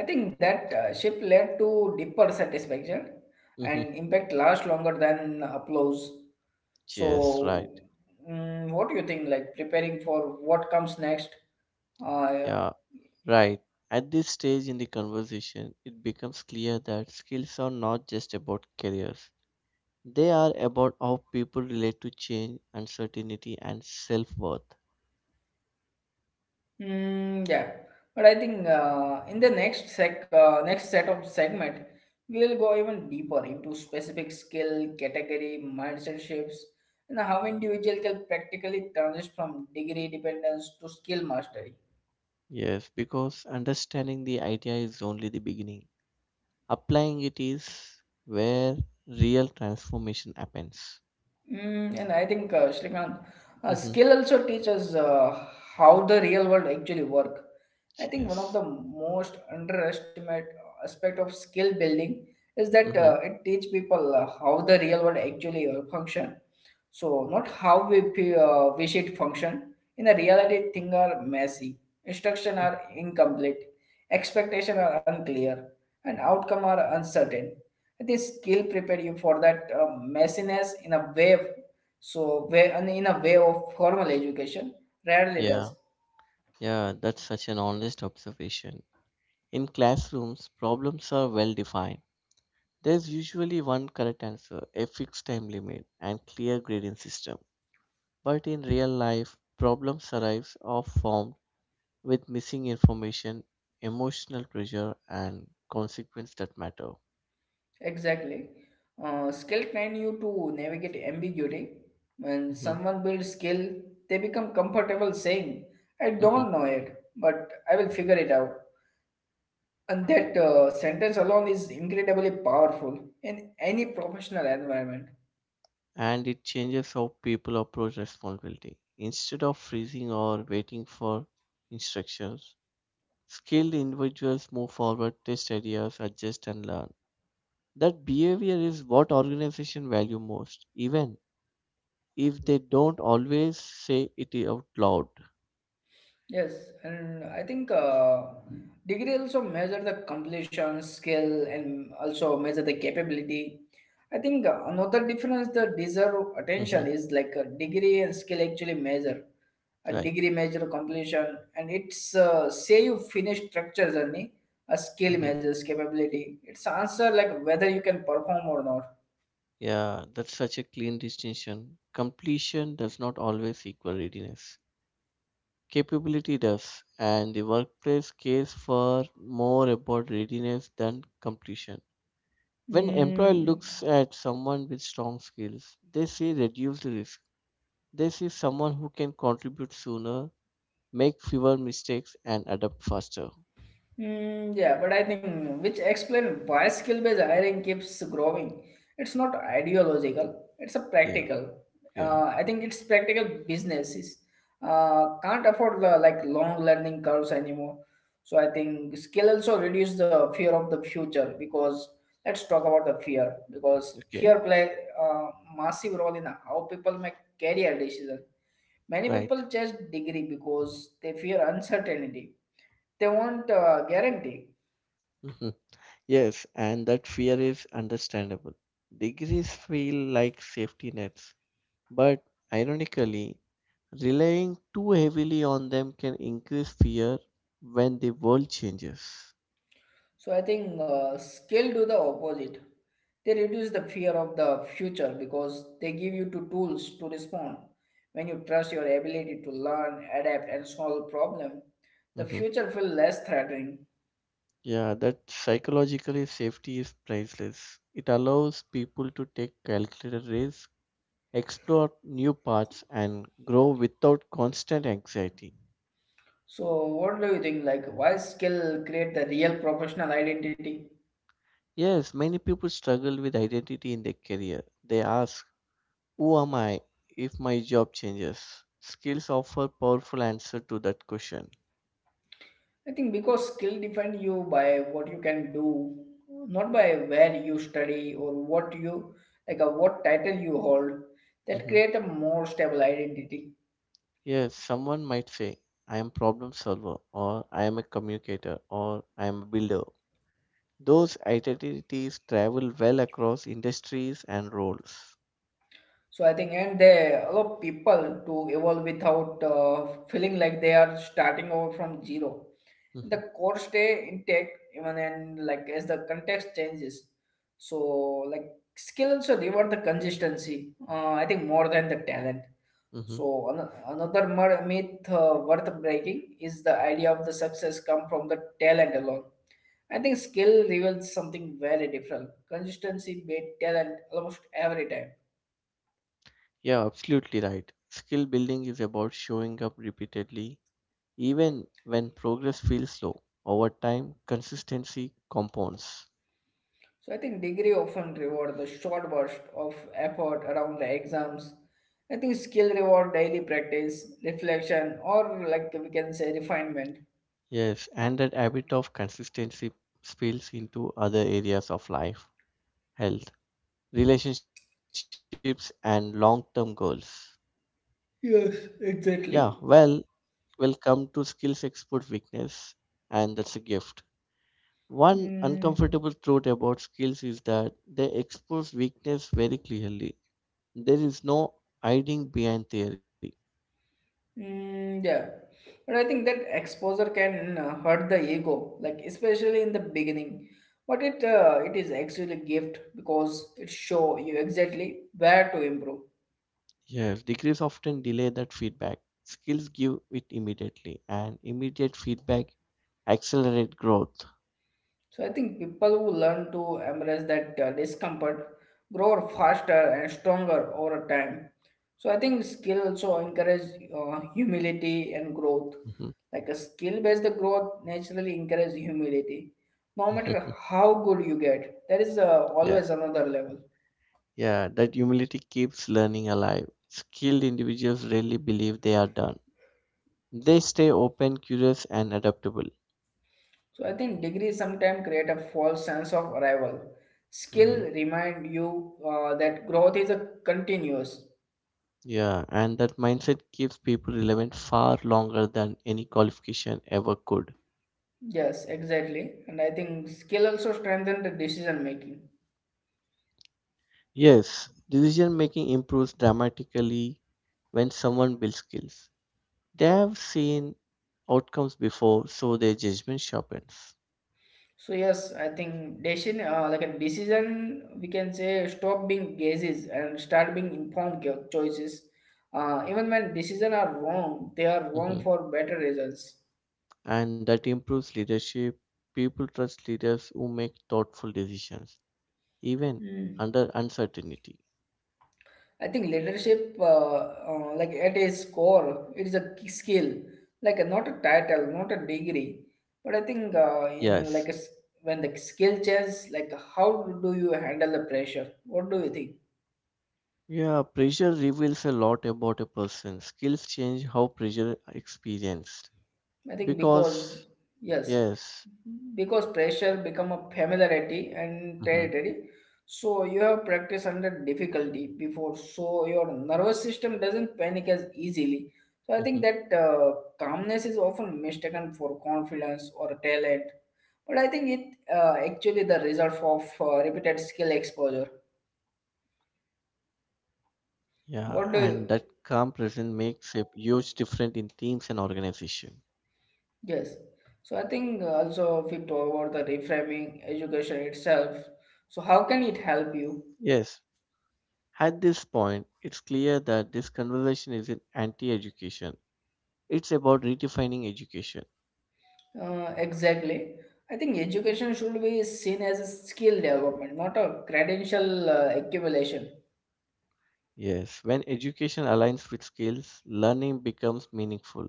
Speaker 2: I think that shift led to deeper satisfaction,
Speaker 1: Hmm.
Speaker 2: and impact lasts longer than applause.
Speaker 1: Yes,
Speaker 2: So,
Speaker 1: right.
Speaker 2: mm, what do you think? Like, preparing for what comes next? Yeah.
Speaker 1: Yeah, right. At this stage in the conversation, it becomes clear that skills are not just about careers. They are about how people relate to change, uncertainty, and self worth.
Speaker 2: Mm, yeah. But I think in the next set of segment, we'll go even deeper into specific skill, category, mindset shifts, and how individual can practically transition from degree dependence to skill mastery.
Speaker 1: Yes, because understanding the idea is only the beginning. Applying it is where real transformation happens.
Speaker 2: Mm, and I think, Shrikant,
Speaker 1: Hmm.
Speaker 2: skill also teaches how the real world actually work. I think one of the
Speaker 1: Yes.
Speaker 2: most underestimated aspect of skill building is that
Speaker 1: Hmm.
Speaker 2: it teach people how the real world actually function. So not how we wish it function. In a reality, things are messy, instruction are incomplete, expectation are unclear, and outcome are uncertain. This skill prepared you for that messiness in a way, so way and in a way of formal education rarely
Speaker 1: Yeah,
Speaker 2: does.
Speaker 1: yeah, that's such an honest observation. In classrooms, problems are well defined. There's usually one correct answer, a fixed time limit, and clear grading system. But in real life, problems arise or form with missing information, emotional pressure, and consequence that matter.
Speaker 2: Exactly. Uh, skill train you to navigate ambiguity. When
Speaker 1: Mhm,
Speaker 2: someone builds skill, they become comfortable saying, I
Speaker 1: mhm.
Speaker 2: don't know it, but I will figure it out. And that sentence alone is incredibly powerful in any professional environment.
Speaker 1: And it changes how people approach responsibility. Instead of freezing or waiting for instructions, skilled individuals move forward, test ideas, adjust, and learn. That behavior is what organizations value most, even if they don't always say it out loud.
Speaker 2: Yes, and I think degree also measure the completion, skill, and also measure the capability. I think another difference that deserve attention
Speaker 1: Mhm.
Speaker 2: is like, a degree and skill actually measure. A
Speaker 1: Right.
Speaker 2: degree measure completion, and it's say you finish structure journey. A skill
Speaker 1: Mhm.
Speaker 2: measures capability. It's answer like whether you can perform or not.
Speaker 1: Yeah, that's such a clean distinction. Completion does not always equal readiness. Capability does, and the workplace case for more about readiness than completion. When employer
Speaker 2: Mm.
Speaker 1: looks at someone with strong skills, they see reduced risk. They see someone who can contribute sooner, make fewer mistakes, and adapt faster.
Speaker 2: Mm, yeah, but I think which explain why skill-based hiring keeps growing. It's not ideological; it's a
Speaker 1: Yeah,
Speaker 2: practical.
Speaker 1: yeah,
Speaker 2: I think it's practical businesses can't afford the, like, long learning curves anymore. So I think skill also reduce the fear of the future, because let's talk about the fear, because
Speaker 1: okay,
Speaker 2: fear play a massive role in how people make career decisions. Many
Speaker 1: right.
Speaker 2: people chase degree because they fear uncertainty. They want guarantee.
Speaker 1: Mhm. Yes, and that fear is understandable. Degrees feel like safety nets. But ironically, relying too heavily on them can increase fear when the world changes.
Speaker 2: So I think skill do the opposite. They reduce the fear of the future because they give you two tools to respond. When you trust your ability to learn, adapt, and solve problem, the
Speaker 1: Mhm.
Speaker 2: future feel less threatening.
Speaker 1: Yeah, that psychologically safety is priceless. It allows people to take calculated risks, explore new paths, and grow without constant anxiety.
Speaker 2: So what do you think? Like, why skill create the real professional identity?
Speaker 1: Yes, many people struggle with identity in their career. They ask, who am I if my job changes? Skills offer powerful answer to that question.
Speaker 2: I think because skill define you by what you can do, not by where you study or what you like, or what title you hold. That
Speaker 1: Mhm.
Speaker 2: create a more stable identity.
Speaker 1: Yes, someone might say, I am problem solver, or I am a communicator, or I am a builder. Those identities travel well across industries and roles.
Speaker 2: So I think, and they allow people to evolve without feeling like they are starting over from zero.
Speaker 1: Mhm,
Speaker 2: The core stay intact even, and like, as the context changes. So like, skill also reward the consistency. I think more than the talent.
Speaker 1: mhm.
Speaker 2: So myth worth breaking is the idea of the success come from the talent alone. I think skill reveals something very different. Consistency beat talent almost every time.
Speaker 1: Yeah, absolutely right. Skill building is about showing up repeatedly, even when progress feels slow. Over time, consistency compounds.
Speaker 2: So I think degree often reward the short burst of effort around the exams. I think skill reward daily practice, reflection, or like, we can say refinement.
Speaker 1: Yes, and that habit of consistency spills into other areas of life, health, relationships, and long term goals.
Speaker 2: Yes,
Speaker 1: Yeah,
Speaker 2: exactly.
Speaker 1: well, we'll come to skills export weakness, and that's a gift. One
Speaker 2: Mm.
Speaker 1: uncomfortable truth about skills is that they expose weakness very clearly. There is no hiding behind theory.
Speaker 2: Mm, yeah, but I think that exposure can hurt the ego, like especially in the beginning. But it is actually a gift because it show you exactly where to improve.
Speaker 1: Yes, degrees often delay that feedback. Skills give it immediately, and immediate feedback accelerate growth.
Speaker 2: So I think people who learn to embrace that discomfort grow faster and stronger over time. So I think skill also encourage humility and growth.
Speaker 1: Mhm.
Speaker 2: Like, a skill-based growth naturally encourages humility. No matter
Speaker 1: <laughs>
Speaker 2: how good you get, there is
Speaker 1: yeah,
Speaker 2: always another level.
Speaker 1: yeah, that humility keeps learning alive. Skilled individuals rarely believe they are done. They stay open, curious, and adaptable.
Speaker 2: So I think degrees sometimes create a false sense of arrival.
Speaker 1: Hmm.
Speaker 2: Skill remind you that growth is a continuous.
Speaker 1: Yeah, and that mindset keeps people relevant far longer than any qualification ever could.
Speaker 2: Yes, exactly. And I think skill also strengthen the decision making.
Speaker 1: Yes, decision making improves dramatically when someone builds skills. They have seen outcomes before, so their judgment sharpens.
Speaker 2: So yes, I think decision like, a decision we can say stop being guesses and start being informed choices. Even when decisions are wrong, they are wrong
Speaker 1: Hmm.
Speaker 2: for better reasons.
Speaker 1: And that improves leadership. People trust leaders who make thoughtful decisions, even
Speaker 2: Mm.
Speaker 1: under uncertainty.
Speaker 2: I think leadership, like, at its core, it is a skill, like not a title, not a degree. But I think in like
Speaker 1: Yes.
Speaker 2: a, s- when the skill changes, like, how do you handle the pressure? What do you think?
Speaker 1: Yeah, pressure reveals a lot about a person. Skills change how pressure are experienced.
Speaker 2: I think because
Speaker 1: Because,
Speaker 2: yes,
Speaker 1: yes,
Speaker 2: because pressure become a familiarity and
Speaker 1: hmm
Speaker 2: territory, so you have practiced under difficulty before, so your nervous system doesn't panic as easily. So I think
Speaker 1: hmm,
Speaker 2: that calmness is often mistaken for confidence or talent. But I think it actually the result of repeated skill exposure.
Speaker 1: yeah, and that
Speaker 2: What do you
Speaker 1: calm presence makes a huge difference in teams and organization.
Speaker 2: Yes. So I think also, if we talk about the reframing education itself, so how can it help you?
Speaker 1: Yes, at this point, it's clear that this conversation isn't anti-education. It's about redefining education.
Speaker 2: Exactly. I think education should be seen as a skill development, not a credential accumulation.
Speaker 1: Yes, when education aligns with skills, learning becomes meaningful,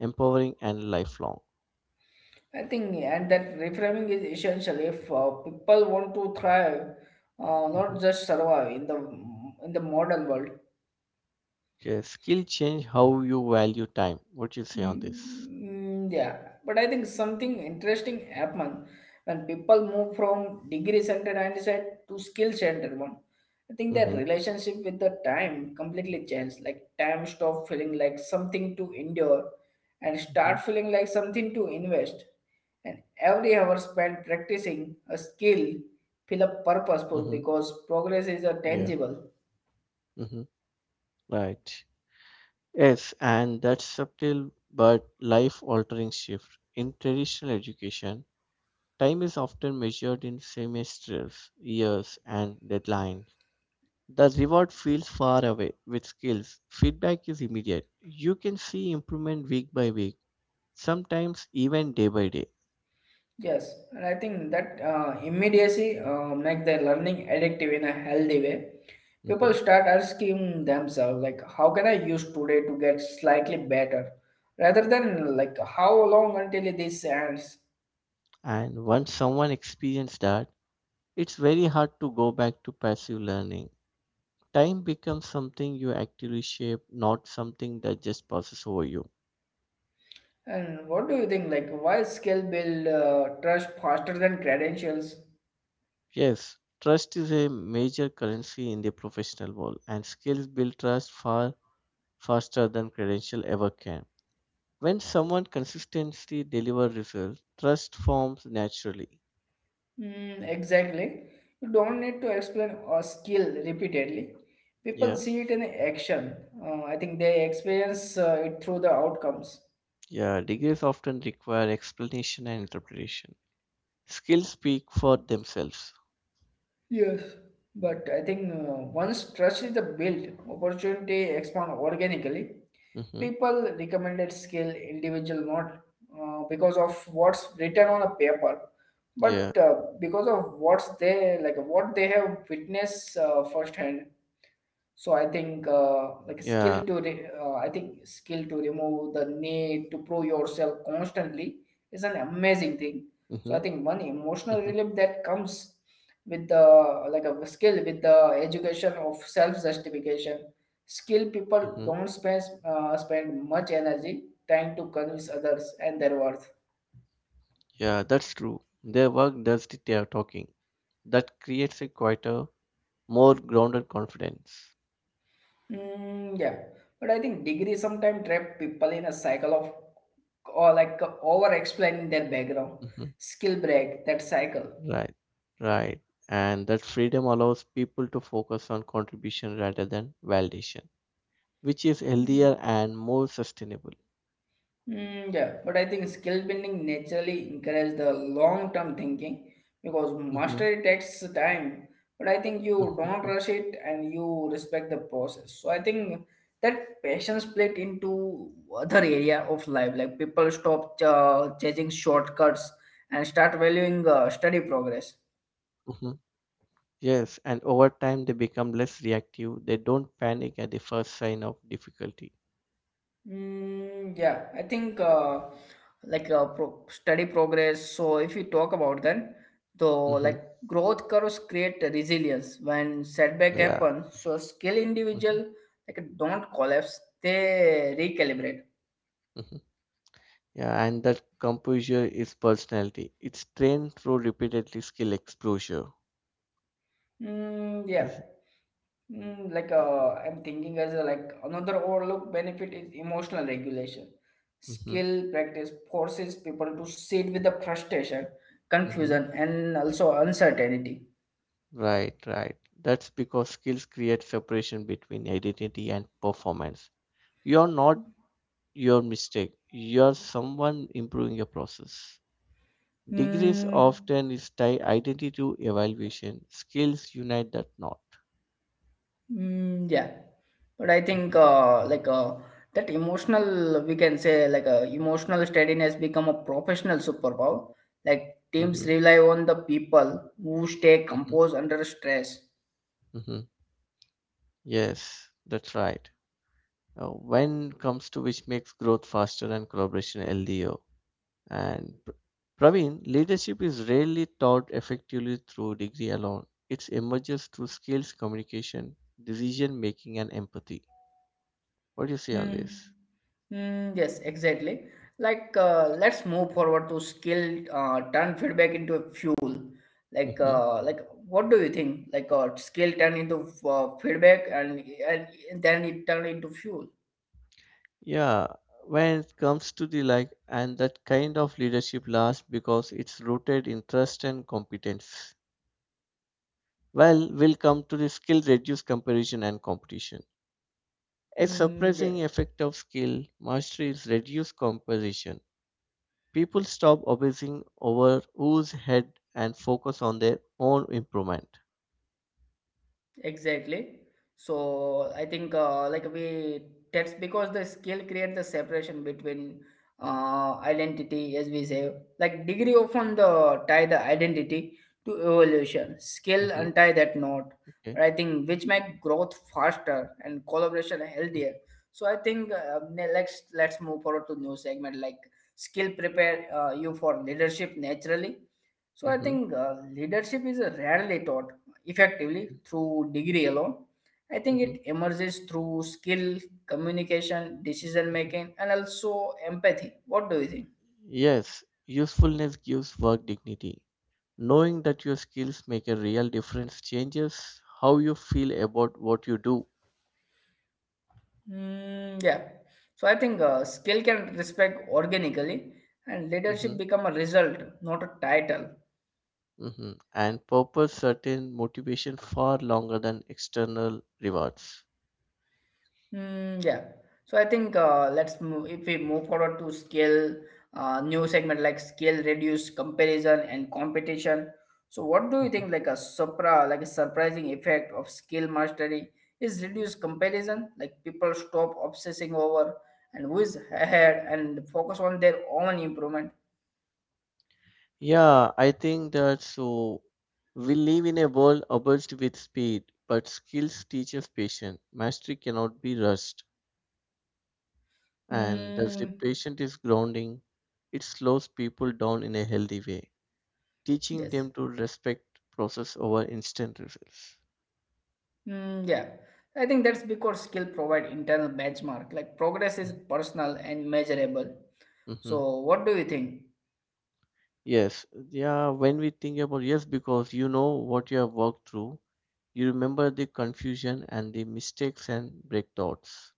Speaker 1: empowering, and lifelong.
Speaker 2: I think, and that reframing is essential if people want to thrive,
Speaker 1: Mhm.
Speaker 2: not just survive in the modern world.
Speaker 1: Yes, skill change how you value time. What you say on this?
Speaker 2: Mm, yeah, but I think something interesting happened when people move from degree centered mindset to skill centered one. I think their
Speaker 1: Mm-hmm.
Speaker 2: relationship with the time completely changed. Like time stopped feeling like something to endure and
Speaker 1: Mm-hmm.
Speaker 2: start feeling like something to invest. And every hour spent practicing a skill feel a
Speaker 1: Mm-hmm.
Speaker 2: purposeful because progress is a
Speaker 1: Yeah.
Speaker 2: tangible.
Speaker 1: Mm-hmm. Right. Yes, and that's subtle but life-altering shift. In traditional education, time is often measured in semesters, years, and deadlines. The reward feels far away. With skills, feedback is immediate. You can see improvement week by week, sometimes even day by day.
Speaker 2: Yes, and I think that immediacy make their learning addictive in a healthy way.
Speaker 1: Hmm.
Speaker 2: People start asking themselves like, how can I use today to get slightly better, rather than like how long until this ends.
Speaker 1: And once someone experiences that, it's very hard to go back to passive learning. Time becomes something you actively shape, not something that just passes over you.
Speaker 2: And what do you think? Like, why skill build trust faster than credentials?
Speaker 1: Yes, trust is a major currency in the professional world, and skills build trust far faster than credential ever can. When someone consistently delivers results, trust forms naturally.
Speaker 2: Mm, exactly. You don't need to explain a skill repeatedly. People
Speaker 1: Yeah,
Speaker 2: see it in action. I think they experience it through the outcomes.
Speaker 1: yeah, degrees often require explanation and interpretation. Skills speak for themselves.
Speaker 2: Yes, but I think once trust is built, opportunity expand organically.
Speaker 1: Mm-hmm.
Speaker 2: People recommended skill, individual not because of what's written on a paper,
Speaker 1: Yeah,
Speaker 2: but because of what's they like what they have witnessed firsthand. So I think
Speaker 1: yeah.
Speaker 2: like I think skill to remove the need to prove yourself constantly is an amazing thing.
Speaker 1: Mm-hmm.
Speaker 2: So I think one
Speaker 1: Mm-hmm.
Speaker 2: emotional relief that comes with the like a skill with the education of self justification. Skill
Speaker 1: Mm-hmm.
Speaker 2: people don't spend much energy trying to convince others and their worth.
Speaker 1: Yeah, that's true. Their work does the talking. That creates a quieter, more grounded confidence.
Speaker 2: Mm, yeah, but I think degree sometimes trap people in a cycle of or like over explaining their background,
Speaker 1: Hmm.
Speaker 2: skill break that cycle.
Speaker 1: Right, right. And that freedom allows people to focus on contribution rather than validation, which is
Speaker 2: Mm.
Speaker 1: healthier and more sustainable.
Speaker 2: Mm, yeah, but I think skill building naturally encourages the long-term thinking because
Speaker 1: Hmm.
Speaker 2: mastery takes time. But I think you
Speaker 1: Hmm.
Speaker 2: don't rush it and you respect the process. So I think that passion split into other area of life. Like people stop chasing shortcuts and start valuing study progress.
Speaker 1: Hmm. Yes, and over time they become less reactive. They don't panic at the first sign of difficulty.
Speaker 2: Mm, yeah, I think. Study progress so if we talk about then though
Speaker 1: Hmm.
Speaker 2: like growth curves create resilience when setback
Speaker 1: Yeah.
Speaker 2: happen. So skill
Speaker 1: Hmm.
Speaker 2: individual like don't collapse, they recalibrate.
Speaker 1: Hmm. Yeah, and that composure is personality. It's trained through repeatedly skill exposure.
Speaker 2: Mm, yeah.
Speaker 1: This,
Speaker 2: Mm, like I'm thinking like another overlooked benefit is emotional regulation.
Speaker 1: mm-hmm,
Speaker 2: Skill practice forces people to sit with the frustration,
Speaker 1: mm-hmm.
Speaker 2: confusion, and also uncertainty.
Speaker 1: Right, right. That's because skills create separation between identity and performance. You're not your mistake. You're someone improving your process. Degrees
Speaker 2: Hmm.
Speaker 1: often is tied identity to evaluation. Skills unite that knot.
Speaker 2: Mm, yeah, but I think that emotional, we can say emotional steadiness become a professional superpower. Like
Speaker 1: Mm-hmm,
Speaker 2: teams rely on the people who stay
Speaker 1: mm-hmm,
Speaker 2: composed under stress.
Speaker 1: mm-hmm. Yes, that's right. When comes to which makes growth faster and collaboration healthier. And Praveen, leadership is rarely taught effectively through degree alone. It emerges through skills, communication, decision making, and empathy. What do you say on
Speaker 2: Mm.
Speaker 1: this?
Speaker 2: Mm, yes, exactly. Like let's move forward to skill. Turn feedback into a fuel. Like
Speaker 1: Hmm.
Speaker 2: uh, like what do you think? Like skill turn into feedback and then it turn into fuel.
Speaker 1: Yeah, when it comes to the like, and that kind of leadership lasts because it's rooted in trust and competence. Well, we'll come to the skill reduce comparison and competition. A
Speaker 2: Mm, yes.
Speaker 1: surprising effect of skill mastery is reduced competition. People stop obsessing over who's ahead and focus on their own improvement.
Speaker 2: Exactly. So I think like we that's because the skill creates the separation between identity, as we say, like degree often the tie the identity to evolution.
Speaker 1: Hmm.
Speaker 2: Skill untie that knot,
Speaker 1: Okay.
Speaker 2: but I think which make growth faster and collaboration healthier. So I think let's move forward to new segment like skill prepare you for leadership naturally. So I
Speaker 1: Hmm.
Speaker 2: think leadership is a rarely taught effectively through degree alone. I think
Speaker 1: Hmm.
Speaker 2: it emerges through skill, communication, decision making, and also empathy. What do you think?
Speaker 1: Yes, usefulness gives work dignity. Knowing that your skills make a real difference changes how you feel about what you do.
Speaker 2: Mm, yeah. So I think skill can respect organically, and
Speaker 1: Mm-hmm.
Speaker 2: leadership become a result, not a title.
Speaker 1: Mhm. And purpose certain motivation far longer than external rewards.
Speaker 2: Mm, yeah. So I think if we move forward to scale new segment like scale reduce comparison and competition. So what do you
Speaker 1: Mhm.
Speaker 2: think like a supra like a surprising effect of skill mastery is reduce comparison like people stop obsessing over and who is ahead and focus on their own improvement.
Speaker 1: Yeah, I think that so. We live in a world obsessed with speed, but skills teaches patience. Mastery cannot be rushed, and thus the
Speaker 2: Mm,
Speaker 1: patient is grounding. It slows people down in a healthy way, teaching
Speaker 2: yes.
Speaker 1: them to respect process over instant results.
Speaker 2: Mm, yeah, I think that's because skill provide internal benchmark. Like progress is
Speaker 1: Mhm.
Speaker 2: personal and measurable.
Speaker 1: Mhm.
Speaker 2: So, what do you think?
Speaker 1: Yes, yeah, when we think about yes, because you know what you have worked through, you remember the confusion and the mistakes and breakdowns.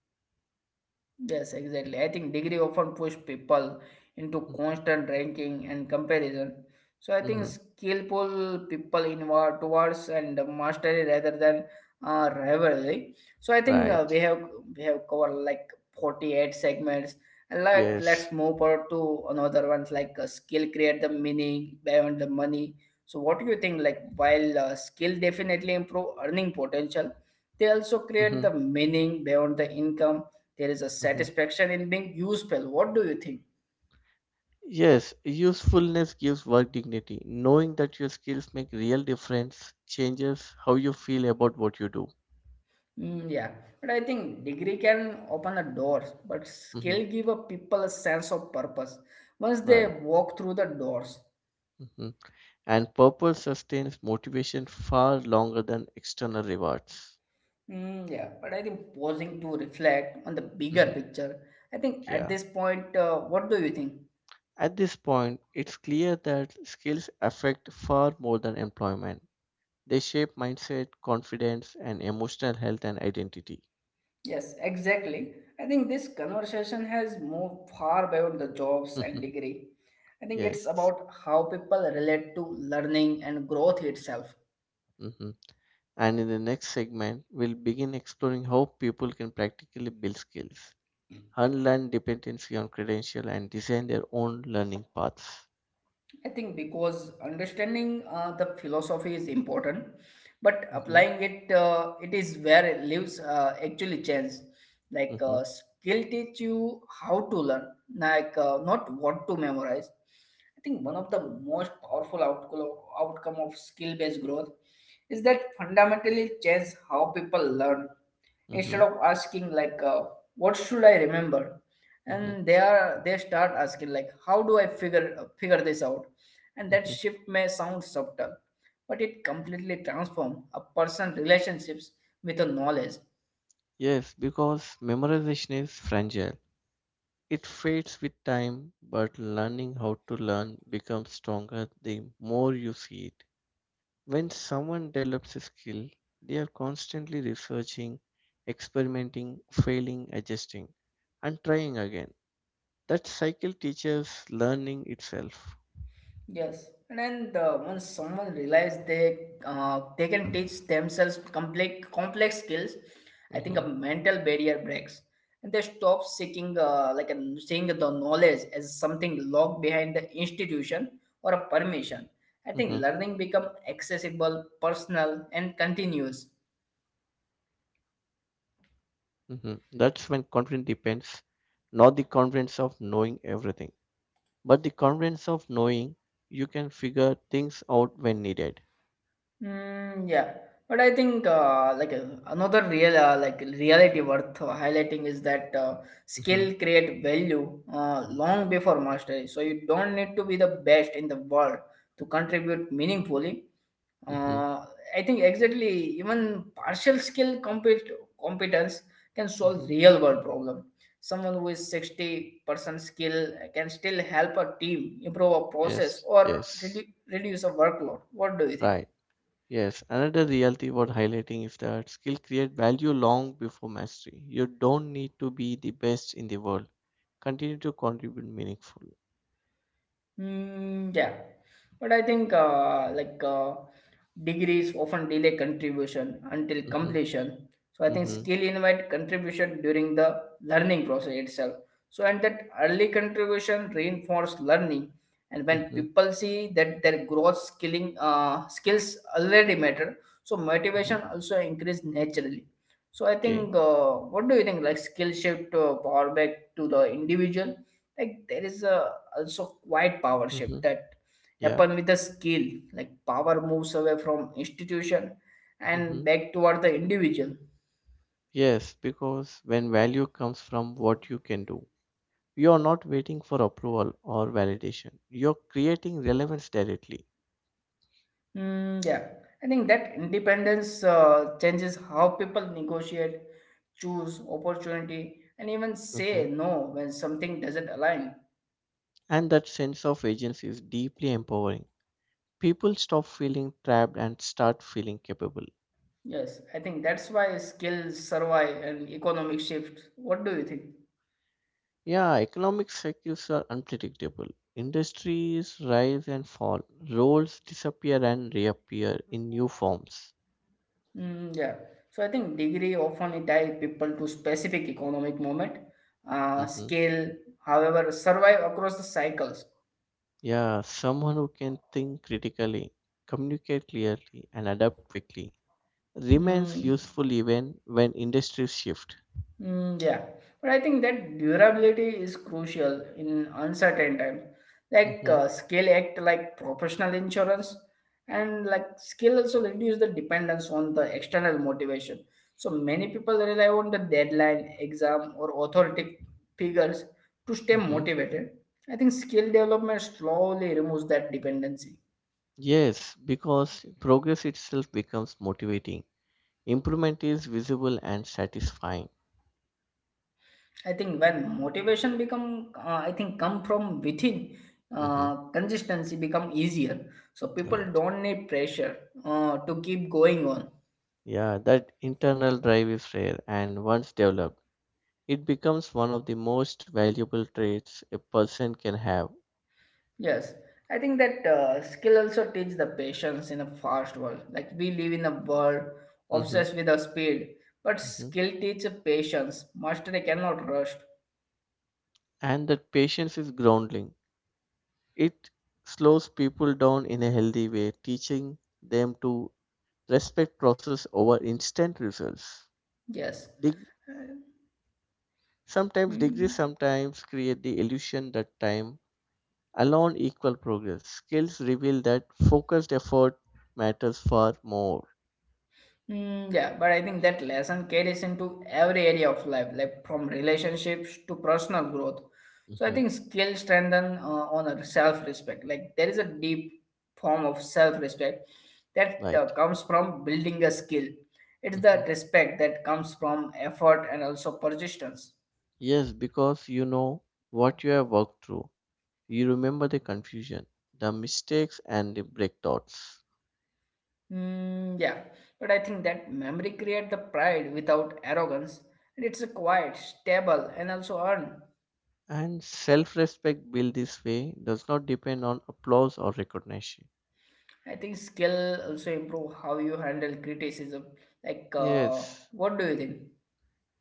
Speaker 2: Yes, exactly. I think degree often push people into
Speaker 1: Mm-hmm.
Speaker 2: constant ranking and comparison. So I think
Speaker 1: Mm-hmm.
Speaker 2: skill pull people inward towards and mastery rather than rivalry. So I think
Speaker 1: Right.
Speaker 2: we have covered like 48 segments. And like
Speaker 1: Yes.
Speaker 2: let's move on to another ones like skill create the meaning beyond the money. So what do you think? Like while skill definitely improve earning potential, they also create
Speaker 1: Mm-hmm.
Speaker 2: the meaning beyond the income, there is a
Speaker 1: Mm-hmm.
Speaker 2: satisfaction in being useful. What do you think?
Speaker 1: Yes, usefulness gives work dignity. Knowing that your skills make real difference changes how you feel about what you do.
Speaker 2: Mm, yeah, but I think degree can open a door, but
Speaker 1: Mm-hmm.
Speaker 2: skill give a people a sense of purpose once they
Speaker 1: Right.
Speaker 2: walk through the doors.
Speaker 1: Mm-hmm. And purpose sustains motivation far longer than external rewards.
Speaker 2: Mm, yeah, but I think pausing to reflect on the bigger
Speaker 1: Mm-hmm.
Speaker 2: picture. I think at
Speaker 1: Yeah.
Speaker 2: this point, what do you think?
Speaker 1: At this point, it's clear that skills affect far more than employment. They shape mindset, confidence, and emotional health and identity.
Speaker 2: Yes, exactly. I think this conversation has moved far beyond the jobs and
Speaker 1: <laughs>
Speaker 2: degree. I think it's
Speaker 1: Yes.
Speaker 2: about how people relate to learning and growth itself.
Speaker 1: Hmm. And in the next segment, we'll begin exploring how people can practically build skills, unlearn dependency on credential, and design their own learning paths.
Speaker 2: I think because understanding the philosophy is important, but
Speaker 1: Hmm.
Speaker 2: applying it is where it lives actually change. Like
Speaker 1: Hmm.
Speaker 2: skill teach you how to learn, like not what to memorize. I think one of the most powerful outcome of skill based growth is that fundamentally change how people learn, instead
Speaker 1: Hmm.
Speaker 2: of asking like what should I remember,
Speaker 1: Hmm.
Speaker 2: and they start asking like how do I figure this out, and that
Speaker 1: Hmm.
Speaker 2: shift may sound subtle but it completely transforms a person's relationships with the knowledge.
Speaker 1: Yes, because memorization is fragile. It fades with time, but learning how to learn becomes stronger the more you see it. When someone develops a skill, they are constantly researching, experimenting, failing, adjusting, and trying again. That cycle teaches learning itself.
Speaker 2: Yes, and then once someone realizes they can teach themselves complex skills, I think a
Speaker 1: Mhm,
Speaker 2: mental barrier breaks, and they stop seeking seeing the knowledge as something locked behind the institution or a permission.
Speaker 1: mhm,
Speaker 2: I think learning become accessible, personal, and continuous.
Speaker 1: mhm. That's when confidence depends, not the confidence of knowing everything, but the confidence of knowing you can figure things out when needed.
Speaker 2: Mm, yeah, but I think another reality worth highlighting is that
Speaker 1: Mhm,
Speaker 2: skill create value long before mastery. So you don't need to be the best in the world to contribute meaningfully.
Speaker 1: mhm.
Speaker 2: Uh, I think exactly even partial skill competence can solve
Speaker 1: Mhm.
Speaker 2: real world problem. Someone who is 60% skill can still help a team improve a process
Speaker 1: Yes,
Speaker 2: or
Speaker 1: yes,
Speaker 2: reduce a workload. What do you think?
Speaker 1: right. Yes, another reality worth highlighting is that skill create value long before mastery. You don't need to be the best in the world. Continue to contribute meaningfully.
Speaker 2: Mm, yeah, but I think degrees often delay contribution until
Speaker 1: Mm-hmm.
Speaker 2: completion. So I think
Speaker 1: Mm-hmm.
Speaker 2: skill invite contribution during the learning process itself. So and that early contribution reinforce learning, and when
Speaker 1: Mm-hmm.
Speaker 2: people see that their growth skilling skills already matter, so motivation
Speaker 1: Mm-hmm.
Speaker 2: also increase naturally. So I
Speaker 1: Okay.
Speaker 2: think what do you think, like skill shift power back to the individual? Like there is a also quiet power
Speaker 1: Mm-hmm.
Speaker 2: shift that
Speaker 1: Yeah.
Speaker 2: happen with a skill, like power moves away from institution
Speaker 1: Mm-hmm.
Speaker 2: and back toward the individual.
Speaker 1: Yes, because when value comes from what you can do, you are not waiting for approval or validation. You're creating relevance directly.
Speaker 2: Hmm, yeah, I think that independence changes how people negotiate, choose opportunity, and even
Speaker 1: Mm-hmm.
Speaker 2: say no when something doesn't align.
Speaker 1: And that sense of agency is deeply empowering. People stop feeling trapped and start feeling capable.
Speaker 2: Yes, I think that's why skills survive and economic shift. What do you think?
Speaker 1: Yeah, economic cycles are unpredictable. Industries rise and fall, roles disappear and reappear in new forms.
Speaker 2: Mm, yeah. So I think degree often tie people to specific economic moment,
Speaker 1: Hmm.
Speaker 2: scale, however, survive across the cycles.
Speaker 1: Yeah, someone who can think critically, communicate clearly, and adapt quickly remains
Speaker 2: Mm.
Speaker 1: useful even when industries shift.
Speaker 2: Mm, yeah, but I think that durability is crucial in uncertain times. Like
Speaker 1: Hmm.
Speaker 2: scale act like professional insurance, and like skill also reduce the dependence on the external motivation. So many people rely on the deadline, exam, or authority figures to stay
Speaker 1: Hmm.
Speaker 2: motivated. I think skill development slowly removes that dependency.
Speaker 1: Yes, because progress itself becomes motivating. Improvement is visible and satisfying.
Speaker 2: I think when motivation become, I think come from within,
Speaker 1: Mhm.
Speaker 2: consistency become easier. So people
Speaker 1: Right.
Speaker 2: don't need pressure to keep going on.
Speaker 1: Yeah, that internal drive is rare, and once developed, it becomes one of the most valuable traits a person can have.
Speaker 2: Yes, I think that skill also teach the patience in a fast world. Like we live in a world
Speaker 1: Hmm.
Speaker 2: obsessed with the speed, but
Speaker 1: Hmm.
Speaker 2: skill teaches patience. Mastery cannot rush.
Speaker 1: And that patience is grounding. It slows people down in a healthy way, teaching them to respect process over instant results.
Speaker 2: Yes.
Speaker 1: Deg-
Speaker 2: Uh,
Speaker 1: Sometimes degrees
Speaker 2: Mm.
Speaker 1: sometimes create the illusion that time alone equal progress. Skills reveal that focused effort matters far more.
Speaker 2: Mm, yeah, but I think that lesson carries into every area of life, like from relationships to personal growth. So I
Speaker 1: Hmm.
Speaker 2: think skills strengthen on a self-respect. Like there is a deep form of self-respect that
Speaker 1: Right.
Speaker 2: comes from building a skill. It's the
Speaker 1: Mhm.
Speaker 2: respect that comes from effort and also persistence.
Speaker 1: Yes, because you know what you have worked through. You remember the confusion, the mistakes, and the breakthroughs.
Speaker 2: Mm, yeah, but I think that memory create the pride without arrogance, and it's a quiet, stable, and also earned.
Speaker 1: And self respect built this way does not depend on applause or recognition.
Speaker 2: I think skill also improve how you handle criticism. Like,
Speaker 1: Yes,
Speaker 2: what do you think?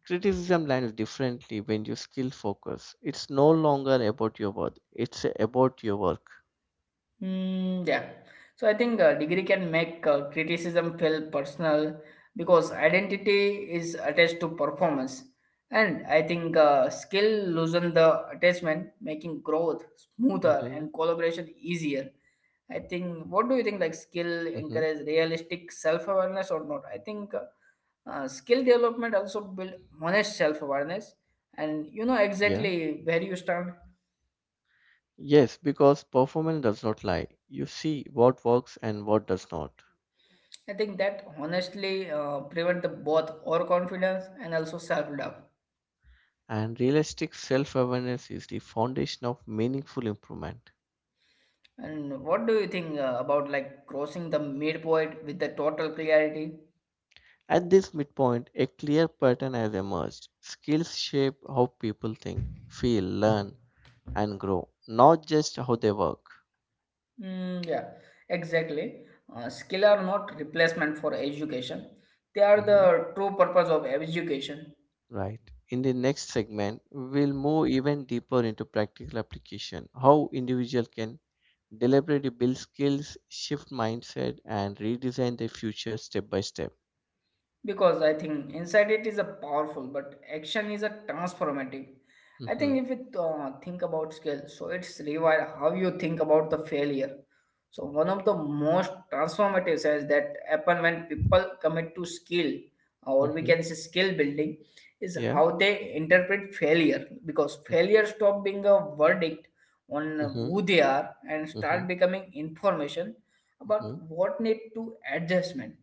Speaker 1: criticism lands differently when you skill focus. It's no longer about your worth, it's about your work.
Speaker 2: Mm, yeah. So I think degree can make criticism feel personal because identity is attached to performance. And I think skill loosen the attachment, making growth smoother
Speaker 1: Mm-hmm.
Speaker 2: and collaboration easier. I think, what do you think? Like,
Speaker 1: Mm-hmm.
Speaker 2: skill encourage realistic self awareness or not? I think skill development also build honest self awareness, and you know
Speaker 1: Yeah.
Speaker 2: exactly where you stand.
Speaker 1: Yes, because performance does not lie. You see what works and what does not.
Speaker 2: I think that honestly prevent the both overconfidence and also self-doubt.
Speaker 1: And realistic self awareness is the foundation of meaningful improvement.
Speaker 2: And what do you think about like crossing the midpoint with the total clarity?
Speaker 1: At this midpoint, a clear pattern has emerged. Skills shape how people think, feel, learn, and grow, not just how they work.
Speaker 2: Mm, yeah, exactly. Skill are not replacement for education. They are
Speaker 1: Mhm.
Speaker 2: the true purpose of education.
Speaker 1: Right. In the next segment, we'll move even deeper into practical application, how individual can deliberately build skills, shift mindset, and redesign their future step by step.
Speaker 2: Because I think inside it is a powerful but action is a transformative. I think
Speaker 1: Mm-hmm.
Speaker 2: if you think about skill, so it's rewire how you think about the failure. So one of the most transformative says that happen when people commit to skill, or we
Speaker 1: Mm-hmm.
Speaker 2: can say skill building, is
Speaker 1: Yeah.
Speaker 2: how they interpret failure, because failure stop being a verdict on
Speaker 1: Mm-hmm.
Speaker 2: who they are and
Speaker 1: Mm-hmm.
Speaker 2: start becoming information about
Speaker 1: Mm-hmm.
Speaker 2: what need to adjustment,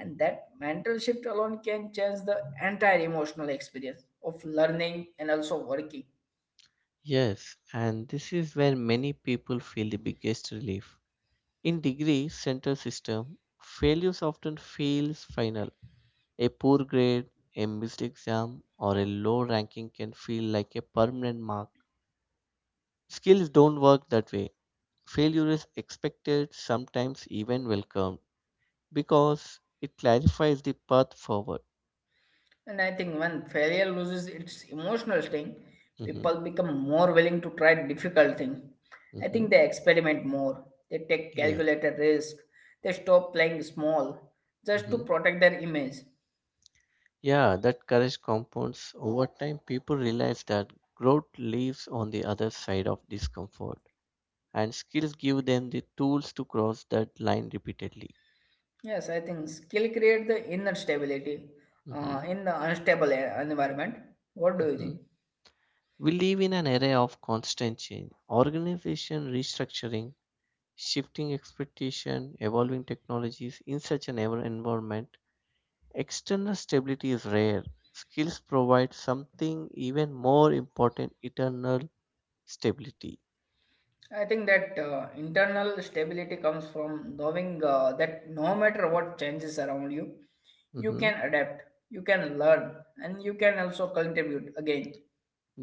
Speaker 2: and that mental shift alone can change the entire emotional experience of learning and also working.
Speaker 1: Yes, and this is where many people feel the biggest relief. In degree center system, failures often feels final. A poor grade, a missed exam, or a low ranking can feel like a permanent mark. Skills don't work that way. Failure is expected, sometimes even welcomed, because it clarifies the path forward.
Speaker 2: And I think when failure loses its emotional sting,
Speaker 1: Hmm.
Speaker 2: people become more willing to try difficult things. I
Speaker 1: Hmm.
Speaker 2: think they experiment more, they take
Speaker 1: Yeah.
Speaker 2: calculated risk, they stop playing small just to
Speaker 1: Mhm.
Speaker 2: protect their image.
Speaker 1: Yeah, that courage compounds. Over time, people realize that growth lives on the other side of discomfort, and skills give them the tools to cross that line repeatedly.
Speaker 2: Yes, I think skill create the inner stability
Speaker 1: Hmm.
Speaker 2: in the unstable environment. What do you
Speaker 1: Hmm.
Speaker 2: think?
Speaker 1: We live in an era of constant change, organization restructuring, shifting expectation, evolving technologies. In such an ever environment, external stability is rare. Skills provide something even more important: eternal stability.
Speaker 2: I think that internal stability comes from knowing that no matter what changes around you, you
Speaker 1: Mm-hmm.
Speaker 2: can adapt, you can learn, and you can also contribute again.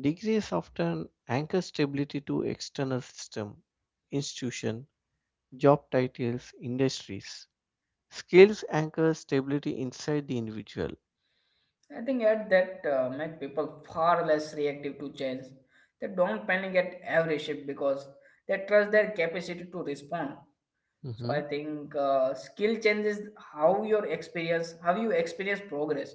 Speaker 1: Degrees often anchor stability to external system, institution, job titles, industries. Skills anchor stability inside the individual.
Speaker 2: I think at that make people far less reactive to change. They don't panic at every shift because they trust their capacity to respond. So
Speaker 1: Hmm.
Speaker 2: I think skill changes how you experience progress.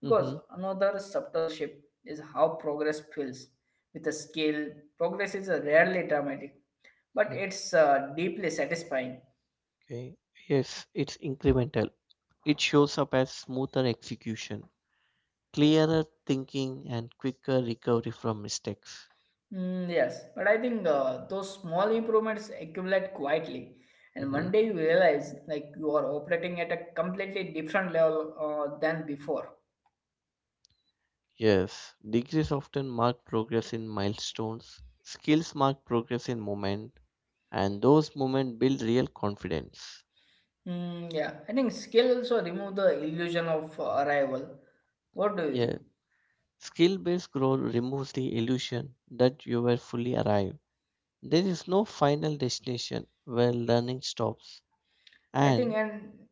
Speaker 1: Hmm.
Speaker 2: Because another subtle shift is how progress feels. With a skill, progress is rarely dramatic, but it's deeply satisfying.
Speaker 1: Okay. Yes, it's incremental. It shows up as smoother execution, clearer thinking, and quicker recovery from mistakes.
Speaker 2: Mm, yes, but I think those small improvements accumulate quietly, and one
Speaker 1: Hmm.
Speaker 2: day you realize like you are operating at a completely different level than before.
Speaker 1: Yes, degrees often mark progress in milestones. Skills mark progress in moment. And those moments build real confidence.
Speaker 2: Mm, yeah, I think skill also remove the illusion of arrival. What do you think?
Speaker 1: Yeah, skill-based growth removes the illusion that you were fully arrived. There is no final destination where learning stops.
Speaker 2: I think
Speaker 1: And
Speaker 2: and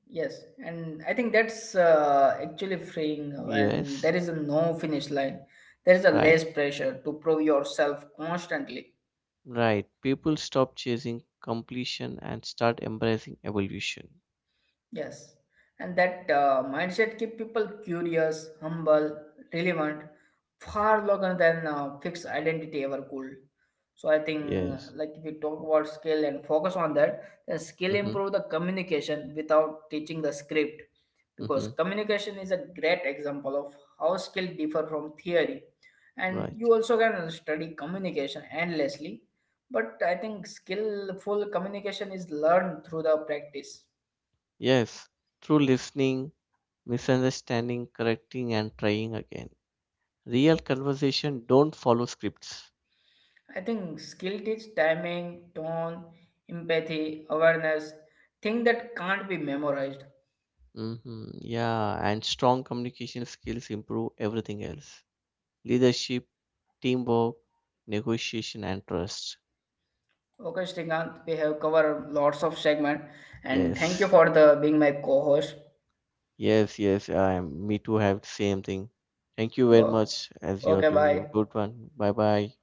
Speaker 2: yes, and I think that's actually freeing when
Speaker 1: yes,
Speaker 2: there is a no finish line. There is a
Speaker 1: right,
Speaker 2: less pressure to prove yourself constantly.
Speaker 1: right. People stop chasing completion and start embracing evolution.
Speaker 2: Yes, and that mindset keep people curious, humble, relevant, far longer than fixed identity ever could. So I think,
Speaker 1: Yes.
Speaker 2: like if we talk about skill and focus on that, then skill
Speaker 1: Mm-hmm.
Speaker 2: improve the communication without teaching the script,
Speaker 1: Mm-hmm.
Speaker 2: because communication is a great example of how skill differ from theory, and
Speaker 1: Right.
Speaker 2: you also can study communication endlessly, but I think skillful communication is learned through the practice.
Speaker 1: Yes. Through listening, misunderstanding, correcting, and trying again. Real conversation don't follow scripts.
Speaker 2: I think skill teach timing, tone, empathy, awareness, thing that can't be memorized.
Speaker 1: Mhm. Yeah, and strong communication skills improve everything else. Leadership, teamwork, negotiation, and trust.
Speaker 2: Okay, Srikant, we have covered lots of segment and thank you
Speaker 1: Yes,
Speaker 2: for the being my co-host.
Speaker 1: yes. I me too. Have same thing. Thank you very
Speaker 2: Okay,
Speaker 1: much. As you are
Speaker 2: okay,
Speaker 1: doing a
Speaker 2: bye.
Speaker 1: good one. Bye bye.